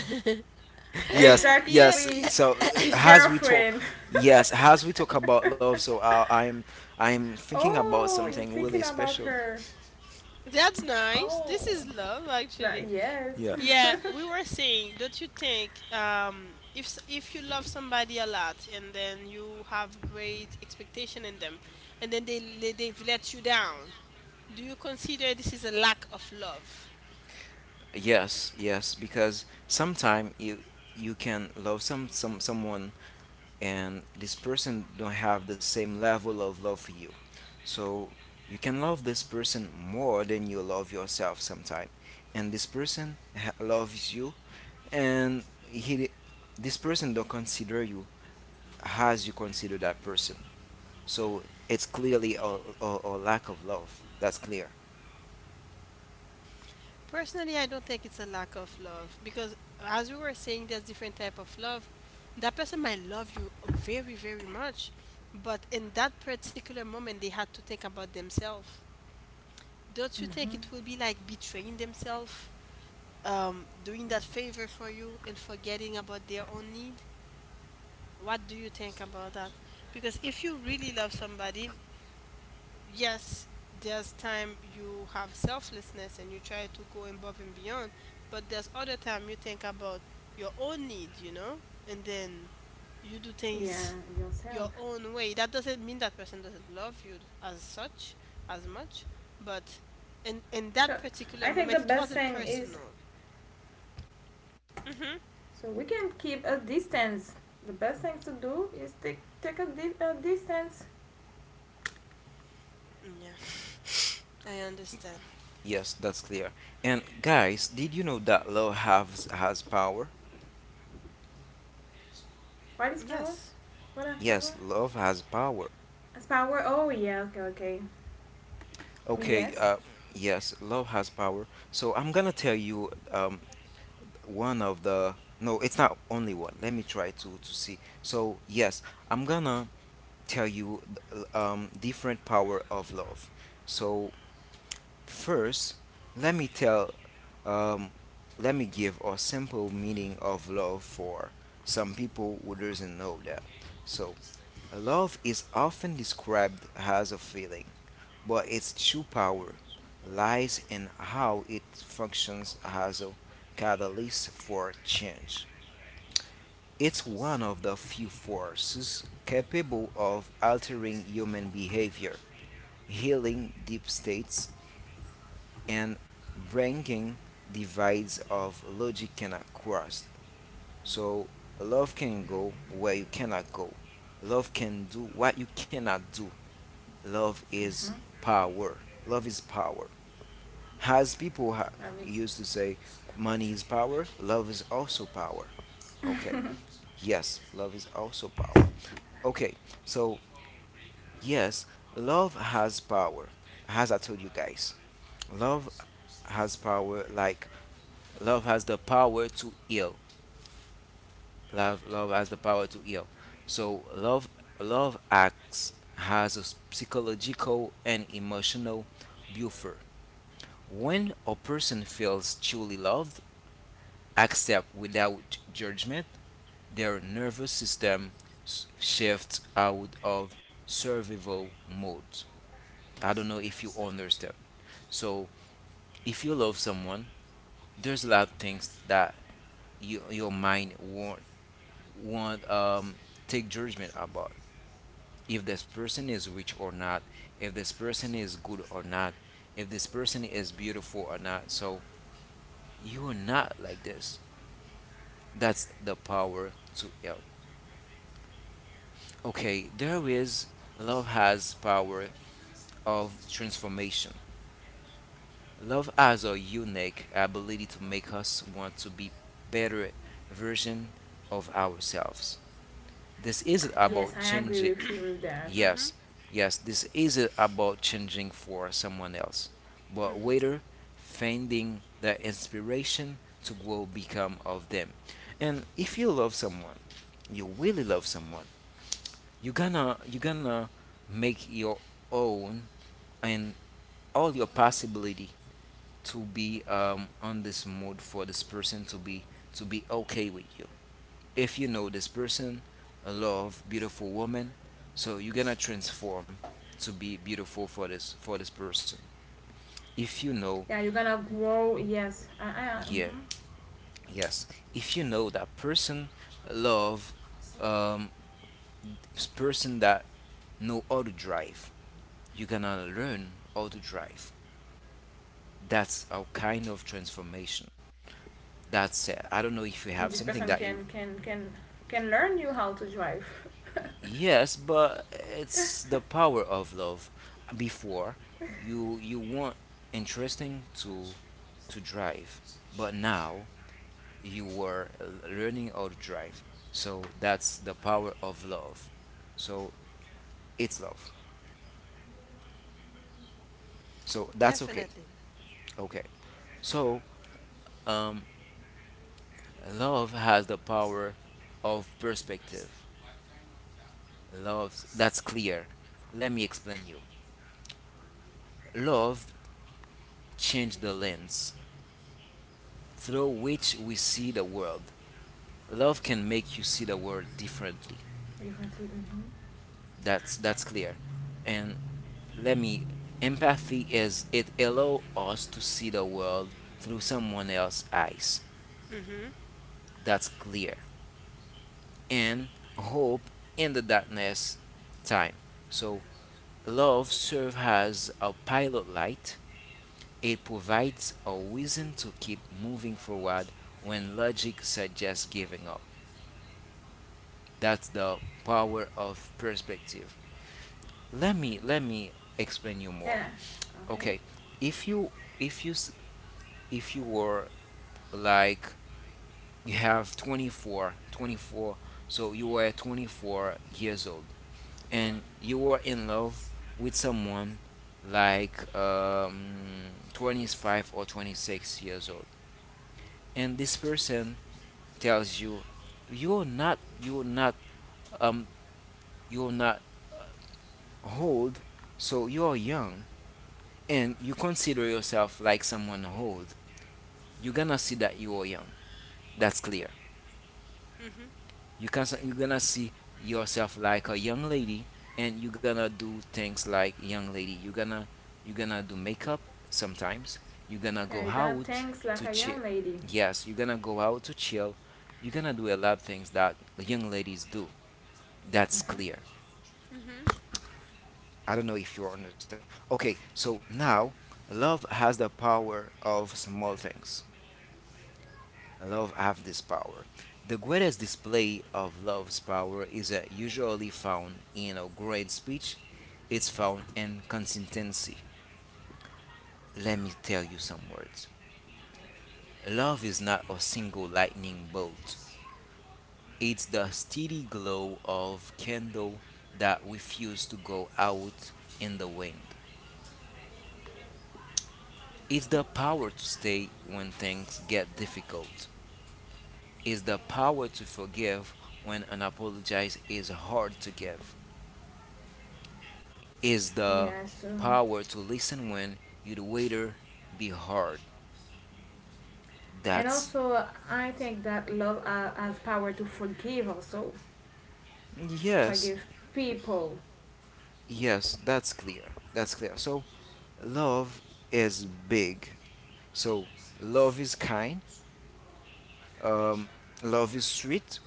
S2: Yes,
S1: [laughs] Yeah,
S2: yes.
S3: exactly,
S2: So uh,
S3: his
S2: as we
S3: girlfriend.
S2: talk, yes, as we talk about love, so uh, I'm I'm thinking about
S3: Oh, you're
S2: something really
S3: thinking about
S2: special.
S3: her.
S1: that's nice,
S3: Oh,
S1: this is love
S3: that
S1: actually.
S3: yes.
S2: Yeah.
S1: Yeah,
S3: [laughs]
S1: we were saying, don't you think um, if s- if you love somebody a lot and then you have great expectation in them, and then they le- they've let you down, do you consider this is a lack of love?
S2: Yes, yes, because sometimes you you can love some some someone and this person don't have the same level of love for you. So you can love this person more than you love yourself sometime. And this person ha- loves you and he this person don't consider you has you consider that person. So it's clearly a, a, a lack of love. That's clear.
S1: Personally, I don't think it's a lack of love because as we were saying, there's different type of love. That person might love you very very much, but in that particular moment, they had to think about themselves. Don't you think
S3: hmm.
S1: it will be like betraying themselves? um, doing that favor for you and forgetting about their own need? What do you think about that? Because if you really love somebody, yes, there's time you have selflessness and you try to go above and beyond, but there's other time you think about your own need, you know, and then you do
S3: Yeah,
S1: things your
S3: yourself.
S1: own way. That doesn't mean that person doesn't love you as such, as much, but in in that
S3: So,
S1: particular
S3: I think the
S1: moment, it
S3: best
S1: wasn't
S3: thing is
S1: personal. Mm-hmm.
S3: so we can keep a distance. The best thing to do is take take a, di- a distance.
S1: Yeah. I understand.
S2: Yes, that's clear. And guys, did you know that love has has power?
S3: What is power?
S1: Yes.
S3: What are power?
S2: Yes, love has power.
S3: Power. Oh yeah. Okay. Okay.
S2: Okay,
S3: Yes.
S2: uh, yes, love has power. So I'm gonna tell you um one of the... No, it's not only one. Let me try to to see. So yes, I'm gonna tell you th- um different power of love. So first, let me tell... Um, let me give a simple meaning of love for some people who doesn't know that. So, love is often described as a feeling, but its true power lies in how it functions as a catalyst for change. It's one of the few forces capable of altering human behavior, healing deep states, and breaking divides of logic cannot cross. So love can go where you cannot go. Love can do what you cannot do. Love is power. Love is power. As people ha-
S3: I mean,
S2: used to say, money is power, love is also power. Okay. Yes, love is also power. Okay. So, yes, love has power. As I told you guys, love has power like love has the power to heal. Love, love has the power to heal. So love, love acts has a psychological and emotional buffer. When a person feels truly loved, accept without judgment, their nervous system s- shifts out of survival mode. I don't know if you understand. So if you love someone, there's a lot of things that you, your mind won't want um, take judgment about if this person is rich or not, if this person is good or not, if this person is beautiful or not. So you are not like this. That's the power to help. Okay, there is love has power of transformation. Love has a unique ability to make us want to be better version of ourselves. This isn't
S1: Yeah.
S3: yes.
S2: about
S3: I agree
S2: changing...
S3: with you with that.
S1: Mm-hmm.
S2: Yes, yes, this isn't about changing for someone else, but
S1: Mm-hmm.
S2: rather finding the inspiration to grow become of them. And if you love someone, you really love someone, you gonna you gonna make your own and all your possibility to be um, on this mood for this person to be to be okay with you. If you know this person, a love, beautiful woman, so you're gonna transform to be beautiful for this for this person. If you know,
S3: Yeah, you're gonna grow. Yes. I. I
S2: yeah,
S3: mhm.
S2: yes. If you know that person, love, um, s- person that know how to drive, you're gonna learn how to drive. That's our kind of transformation. That's it. I don't know
S3: And this
S2: if you
S3: person
S2: have something
S3: can
S2: that you...
S3: can can can learn you how to drive. [laughs]
S2: Yes, but it's the power of love. Before you you want interesting to to drive, but now you were learning how to drive. So that's the power of love. So it's love. So that's okay.
S1: Definitely.
S2: Okay. So love has the power of perspective. Love, that's clear. Let me explain you. Love changed the lens through which we see the world. Love can make you see the world differently.
S3: You can. Mm-hmm.
S2: That's that's clear. And let me... Empathy is, it allow us to see the world through someone else's eyes.
S1: Mm-hmm.
S2: That's clear. And hope in the darkness time. So love serves as a pilot light. It provides a reason to keep moving forward when logic suggests giving up. That's the power of perspective. let me let me explain you more.
S3: Yeah. Okay.
S2: Okay, if you if you s- if you were like you have twenty four twenty four, so you were twenty-four years old and you were in love with someone like um twenty-five or twenty-six years old and this person tells you you're not you're not um you're not old, so you're young, and you consider yourself like someone old, you're gonna see that you are young. That's clear.
S1: Mm-hmm.
S2: You can you're gonna see yourself like a young lady, and you're gonna do things like young lady. You're gonna you're gonna do makeup sometimes. You're gonna
S3: Yeah,
S2: go
S3: you're gonna
S2: out
S3: thanks like
S2: to
S3: a
S2: chill.
S3: young lady.
S2: Yes, you're gonna go out to chill. You're gonna do a lot of things that young ladies do. That's clear.
S3: Mm-hmm.
S1: Mm-hmm.
S2: I don't know if you understand. Okay, so now love has the power of small things. Love have this power. The greatest display of love's power is uh, usually found in a great speech. It's found in consistency. Let me tell you some words. Love is not a single lightning bolt. It's the steady glow of candle that refuses to go out in the wind. It's the power to stay when things get difficult. It's the power to forgive when an apology is hard to give. Is the
S3: Yeah. So.
S2: power to listen when you the waiter be hard.
S3: And
S2: That's...
S3: also, I think that love uh, has power to forgive. Also,
S2: yes,
S3: forgive people.
S2: yes, that's clear. That's clear. So love is big. So love is kind. Um, love is sweet.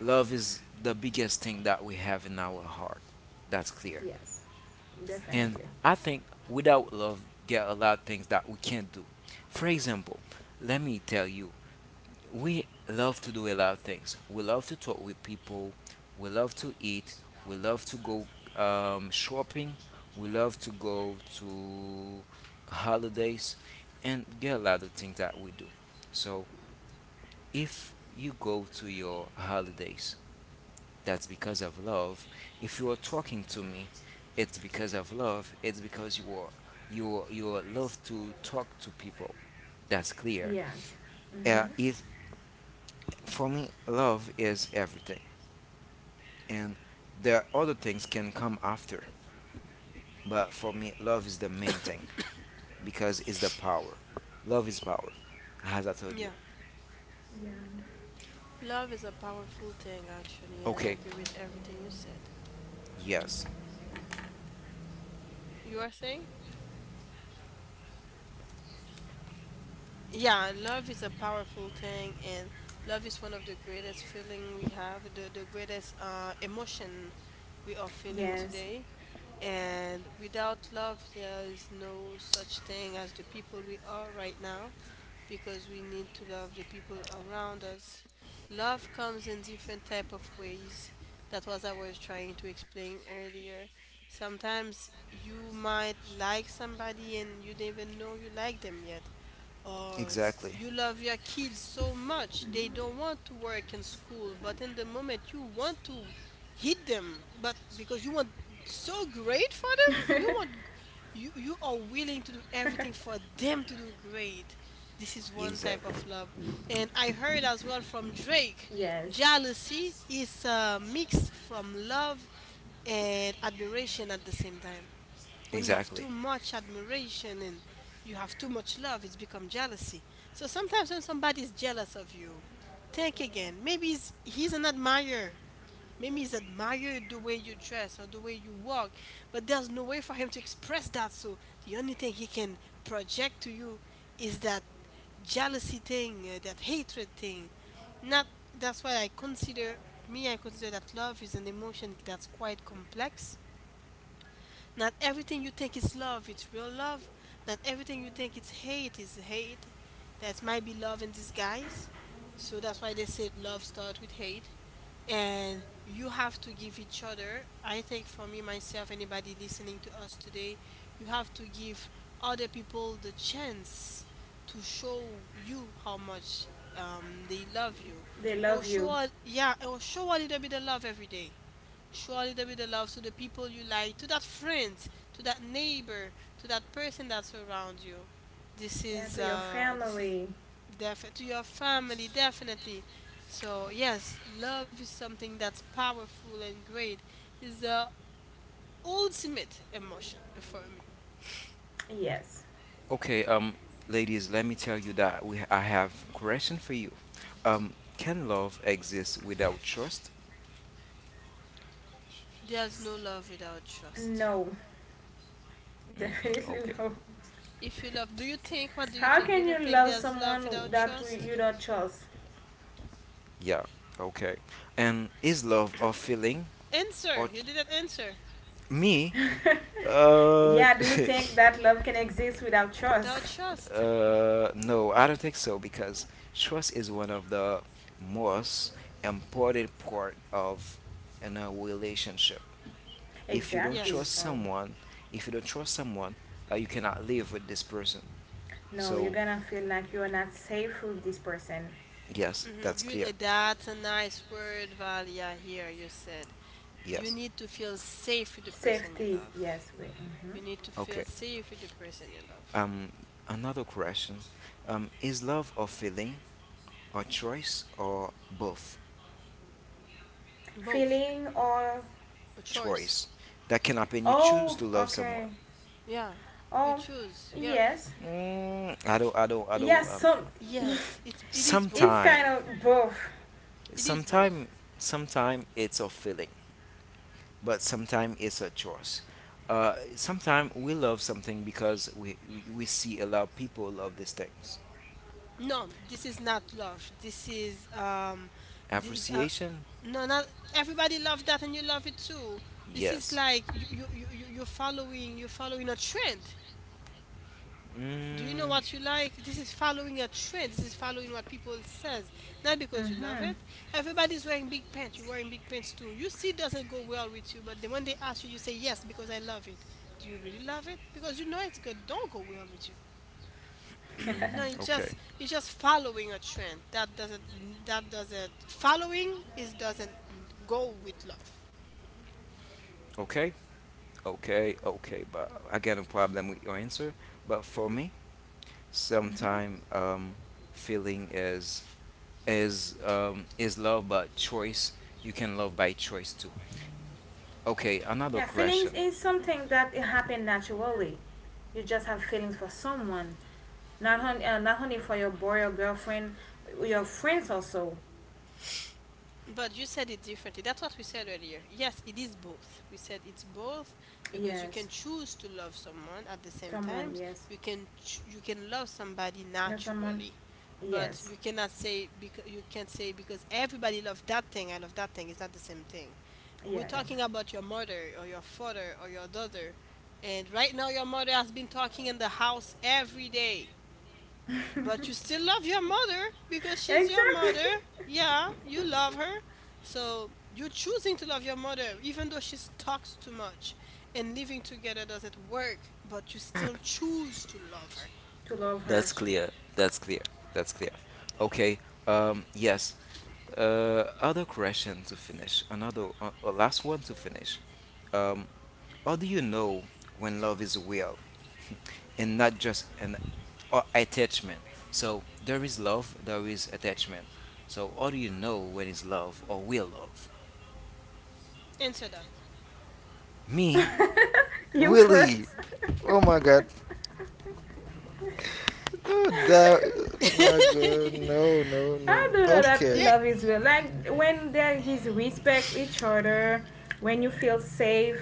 S2: Love is the biggest thing that we have in our heart. That's clear.
S3: Yes.
S2: And
S3: Definitely.
S2: I think without love, get a lot of things that we can't do. For example, let me tell you, we love to do a lot of things. We love to talk with people. We love to eat. We love to go um, shopping. We love to go to holidays and get a lot of things that we do. So if you go to your holidays, that's because of love. If you are talking to me, it's because of love. It's because you are you are, you are love to talk to people. That's clear.
S3: Yes. Mhm.
S2: Uh, if For me, love is everything, and there are other things can come after. But for me, love is the main thing because it's the power. Love is power, as I told you.
S1: Yeah.
S3: Yeah.
S1: Love is a powerful thing actually, and I
S2: Okay.
S1: agree with everything you said.
S2: Yes.
S1: You are saying? Yeah, love is a powerful thing, and love is one of the greatest feeling we have, the, the greatest uh, emotion we are feeling
S3: Yes.
S1: today. And without love, there is no such thing as the people we are right now, because we need to love the people around us. Love comes in different type of ways. That was I was trying to explain earlier. Sometimes you might like somebody and you didn't even know you like them yet, or
S2: Exactly.
S1: you love your kids so much they don't want to work in school, but in the moment you want to hit them, but because you want so great for them, you want you you are willing to do everything for them to do great. This is one type
S2: Exactly.
S1: of love. And I heard as well from Drake,
S3: Yes.
S1: jealousy is a mix from love and admiration at the same time. When you have
S2: Exactly.
S1: too much admiration and you have too much love, it's become jealousy. So sometimes when somebody is jealous of you, think again, maybe he's, he's an admirer. Maybe he's admired the way you dress or the way you walk, but there's no way for him to express that. So the only thing he can project to you is that jealousy thing, uh, that hatred thing. Not That's why i consider me i consider that love is an emotion that's quite complex. Not everything you think is love, it's real love. Not everything you think it's hate is hate. That might be love in disguise. So that's why they say love starts with hate. And you have to give each other, I think, for me, myself, anybody listening to us today, you have to give other people the chance to show you how much um, they love you.
S3: They
S1: Or
S3: love
S1: show,
S3: you.
S1: a- yeah, or show a little bit of love every day. Surely there will be the love to the people you like, to that friend, to that neighbor, to that person that's around you. This
S3: Yeah,
S1: is
S3: to your
S1: uh this is
S3: family.
S1: definitely to your family, definitely. So yes, love is something that's powerful and great. It's the ultimate emotion for me.
S3: Yes.
S2: Okay. Um, ladies, let me tell you that we I have question for you. Um, can love exist without trust?
S1: There's no love without trust.
S3: No. [laughs]
S2: Mm-hmm.
S3: Definitely
S2: Okay.
S3: no.
S1: If you love, do you think? What do you
S3: How
S1: think? Do you
S3: can you
S1: not think
S3: love
S1: there's love
S3: someone
S1: without
S3: that we-
S1: trust?
S3: you don't trust?
S2: Yeah. Okay. And is love a feeling
S1: Answer.
S2: or t-
S1: You didn't answer.
S2: me?
S3: [laughs]
S2: Uh,
S3: yeah, do you think that love can exist without trust?
S1: Without
S3: [laughs]
S2: [laughs]
S1: trust.
S2: uh, no, I don't think so because trust is one of the most important part of in a relationship. If you don't
S3: Exactly.
S2: trust
S1: Yes.
S3: So,
S2: someone, if you don't trust someone, uh, you cannot live with this person.
S3: no, you're
S2: So
S3: gonna feel like you're not safe with this person.
S2: yes,
S1: Mhm.
S2: that's
S1: you-
S2: clear.
S1: eh, that's a nice word, Valia, here you said. You
S2: Yes.
S1: need to feel safe with the person you
S3: Safety,
S1: love.
S3: yes. We, mhm.
S1: You need to
S2: Okay.
S1: feel safe with the person you love.
S2: Um, another question. Um, is love a feeling, a choice, or both?
S1: Both.
S3: Feeling or,
S1: A choice.
S2: Choice. That can happen. You choose
S3: oh,
S2: to love someone.
S3: okay.
S1: Yeah. You
S3: Oh,
S1: choose. Yeah.
S3: yes.
S2: Mm, I don't, I don't, I don't.
S3: Yes,
S2: Um,
S3: some. [laughs]
S1: Yes, it's it is
S3: It's
S1: both.
S3: kind
S2: sometime,
S3: of both.
S1: It is both.
S2: sometime, sometime it's a feeling, but sometime it's a choice. Uh, sometime we love something because we we we see a lot of people love these things.
S1: No, this is not love. This is um this, uh,
S2: Appreciation,
S1: no, not everybody love that and you love it too. This is
S2: yes.
S1: like you you you you- you're following you're following a trend. Do you know
S2: Mm,
S1: what you like? This is following a trend. This is following what people says. Not because you love
S3: Mm-hmm.
S1: it. Everybody's wearing big pants. You're wearing big pants too. You see it doesn't go well with you, but then when they ask you, you say yes because I love it. Do you really love it? Because you know it's good. Don't go well with you. [clears throat] No, it's
S2: okay,
S1: just, it's just following a trend. That doesn't, that doesn't following is doesn't go with love.
S2: okay, okay, okay. But I got no problem with your answer. But for me,
S3: Mm-hmm.
S2: sometimes um, feeling is is um, is love by choice. You can love by choice too. Okay, another
S3: Yeah, feelings
S2: question.
S3: is something that it happen naturally. You just have feelings for someone, not only uh, not only for your boy or girlfriend, your friends also.
S1: But you said it differently. That's what we said earlier. Yes, it is both. We said it's both because you
S3: Yes,
S1: can choose to love someone at the same
S3: someone.
S1: time.
S3: Yes,
S1: You can ch- you can love somebody
S3: you know someone.
S1: naturally, but
S3: Yes.
S1: you cannot say, because you can't say, because everybody loves that thing. I love that thing. It's not the same thing. We're
S3: Yeah, yeah.
S1: talking about your mother or your father or your daughter, and right now your mother has been talking in the house every day, but you still love your mother, because she's your
S3: Exactly.
S1: mother. Yeah, you love her. So you're choosing to love your mother even though she talks too much and living together doesn't work, but you still choose to love her.
S3: [laughs] to love her.
S2: That's clear. That's clear. That's clear. Okay. Um, yes. Uh, other question to finish. Another uh, uh, last one to finish. Um, how do you know when love is real? And not just an a- attachment. So there is love, there is attachment. So how do you know when it's love or will love?
S1: Answer that.
S2: Me,
S3: You
S2: Willie.
S3: first.
S2: Oh my god. Oh, that. My god. No, no,
S3: I
S2: no.
S3: do know
S1: It-
S3: that
S2: Okay.
S1: yeah.
S3: love is real. Like when there is respect each other, when you feel safe,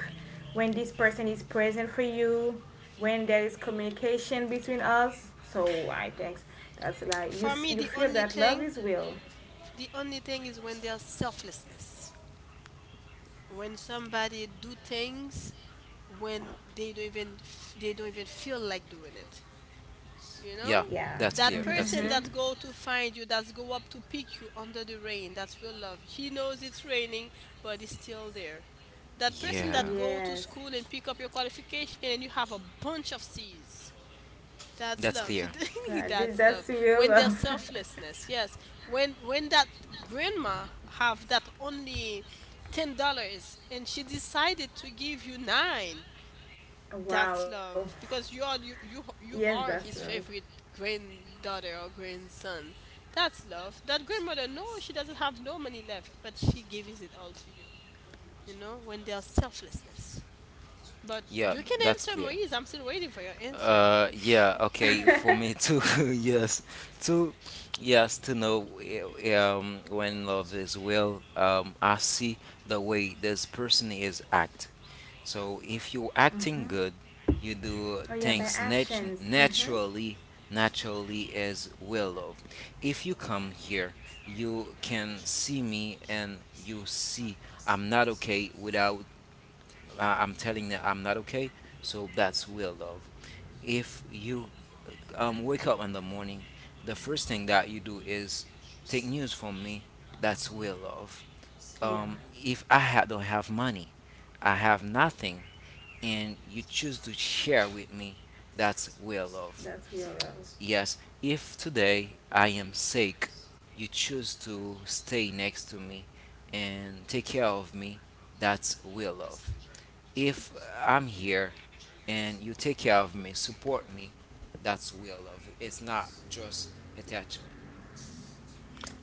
S3: when this person is present for you, when there is communication between us. So I think that's like you
S1: For
S3: s-
S1: me,
S3: you
S1: the
S3: feel
S1: only
S3: that love
S1: thing,
S3: is real.
S1: the only thing is when there's selflessness. When somebody do things when they don't even f- they don't even feel like doing it. You
S2: Yeah,
S1: know,
S3: Yeah.
S2: that's clear.
S1: that
S2: That's clear.
S1: person
S3: Mm-hmm.
S1: that go to find you, that's go up to pick you under the rain, that's real love. He knows it's raining, but he's still there. That person
S2: Yeah,
S1: that go to
S3: Yes.
S1: school and pick up your qualification and you have a bunch of C's, that's
S2: that's
S1: love. [laughs]
S2: clear.
S3: Yeah, thi-
S1: That's love.
S3: that's real
S1: When there's
S3: love. [laughs]
S1: selflessness, yes. When when that grandma have that only ten dollars and she decided to give you nine, that's
S3: Wow.
S1: love, because you are you you,
S3: Yes,
S1: you
S3: that's
S1: are
S3: love.
S1: his favorite granddaughter or grandson. That's love. That grandmother, no, she doesn't have no money left, but she gives it all to you. You know, when there's selflessness. But
S2: Yeah,
S1: you can
S2: that's
S1: answer,
S2: clear.
S1: Moise. I'm still waiting for your answer.
S2: Uh, yeah, okay, for me too. [laughs] yes, to yes, to know eh, um when love is real. Um, I see the way this person is act. So if you acting good, you do
S3: Oh yeah, by
S2: things nat-
S3: actions. Mm-hmm.
S2: naturally. Naturally is will love. If you come here, you can see me and you see I'm not okay without uh, I'm telling that I'm not okay. So that's real love. If you um, wake up in the morning, the first thing that you do is take news from me. That's real love.
S3: Yeah,
S2: Um, if I ha- don't have money, I have nothing, and you choose to share with me, that's real love.
S3: that's real love.
S2: Yes, if today I am sick, you choose to stay next to me and take care of me, that's real love. If I'm here and you take care of me, support me, that's real love. It's not just attachment.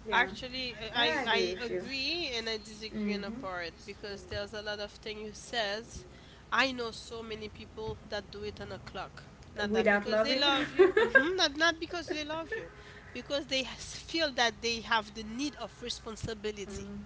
S3: Yeah,
S1: Actually, I,
S3: I
S1: I
S3: agree
S1: I
S3: with you.
S1: agree and I disagree on a
S3: Mm-hmm.
S1: part, because there's a lot of things you says. I know so many people that do it on a clock. Not that
S3: Without
S1: because they
S3: loving.
S1: love
S3: [laughs]
S1: you, hmm not not because they love you, because they has- feel that they have the need of responsibility.
S3: Mm.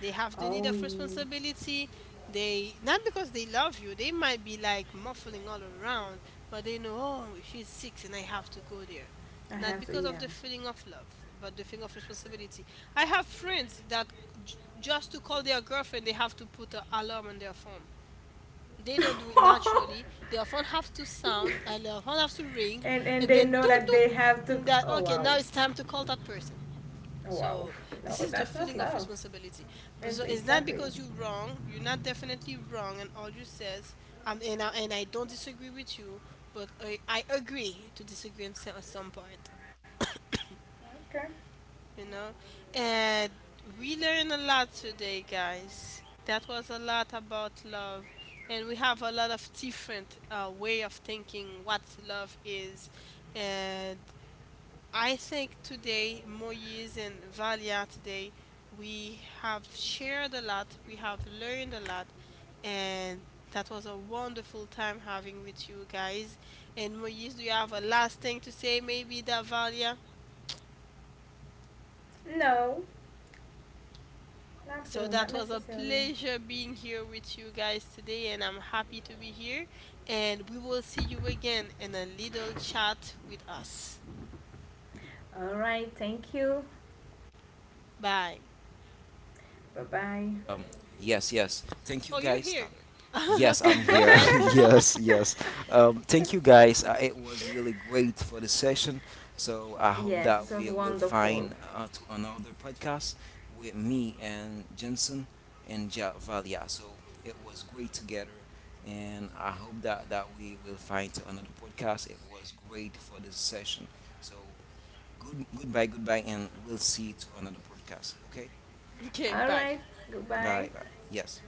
S1: They have the need
S3: Oh,
S1: of
S3: yeah.
S1: responsibility. They not because they love you, they might be like muffling all around, but they know, oh, she's sick and I have to go there.
S3: I
S1: Not
S3: have to,
S1: because of
S3: yeah.
S1: the feeling of love, but the feeling of responsibility. I have friends that j- just to call their girlfriend, they have to put an alarm on their phone. They don't do it naturally.
S3: [laughs]
S1: Their phone have to sound, and their phone have to ring,
S3: and and
S1: and
S3: they
S1: then
S3: know
S1: toon
S3: that they have to.
S1: toon. That
S3: Oh
S1: okay,
S3: wow,
S1: now it's time to call that person.
S3: oh wow.
S1: So this
S3: No,
S1: is the
S3: that's not
S1: feeling of
S3: love.
S1: responsibility. But
S3: It's
S1: so it's not
S3: exactly.
S1: because you're wrong. You're not definitely wrong, and all you says, um, and I, and I don't disagree with you, but I, I agree to disagree on some, some part.
S3: Okay.
S1: You know, and we learned a lot today, guys. That was a lot about love, and we have a lot of different uh, way of thinking what love is, and I think today, Moise and Valia, today we have shared a lot, we have learned a lot, and that was a wonderful time having with you guys. And Moise, do you have a last thing to say, maybe, that Valia?
S3: No, not
S1: So
S3: real,
S1: that
S3: not
S1: was a
S3: necessarily.
S1: pleasure being here with you guys today, and I'm happy to be here. And we will see you again in a little chat with us.
S3: All right. Thank you.
S1: Bye.
S3: Bye bye.
S2: Um, yes, yes. Thank you,
S1: Oh, you're
S2: guys. Tyler.
S1: here. [laughs]
S2: Yes,
S1: Okay,
S2: I'm
S1: you go
S2: here.
S1: ahead.
S2: [laughs] yes, yes. Um, thank you, guys. Uh, it was really great for the session. So I hope
S3: Yes,
S2: that
S3: it was
S2: we will
S3: wonderful.
S2: find uh, to another podcast with me and Jensen and ja- Valia. So it was great together. And I hope that, that we will find to another podcast. It was great for this session. So good goodbye, goodbye, and we'll see to another podcast. Okay?
S1: [laughs] Okay,
S3: All
S1: bye.
S3: right. Goodbye.
S2: Bye, bye. Yes.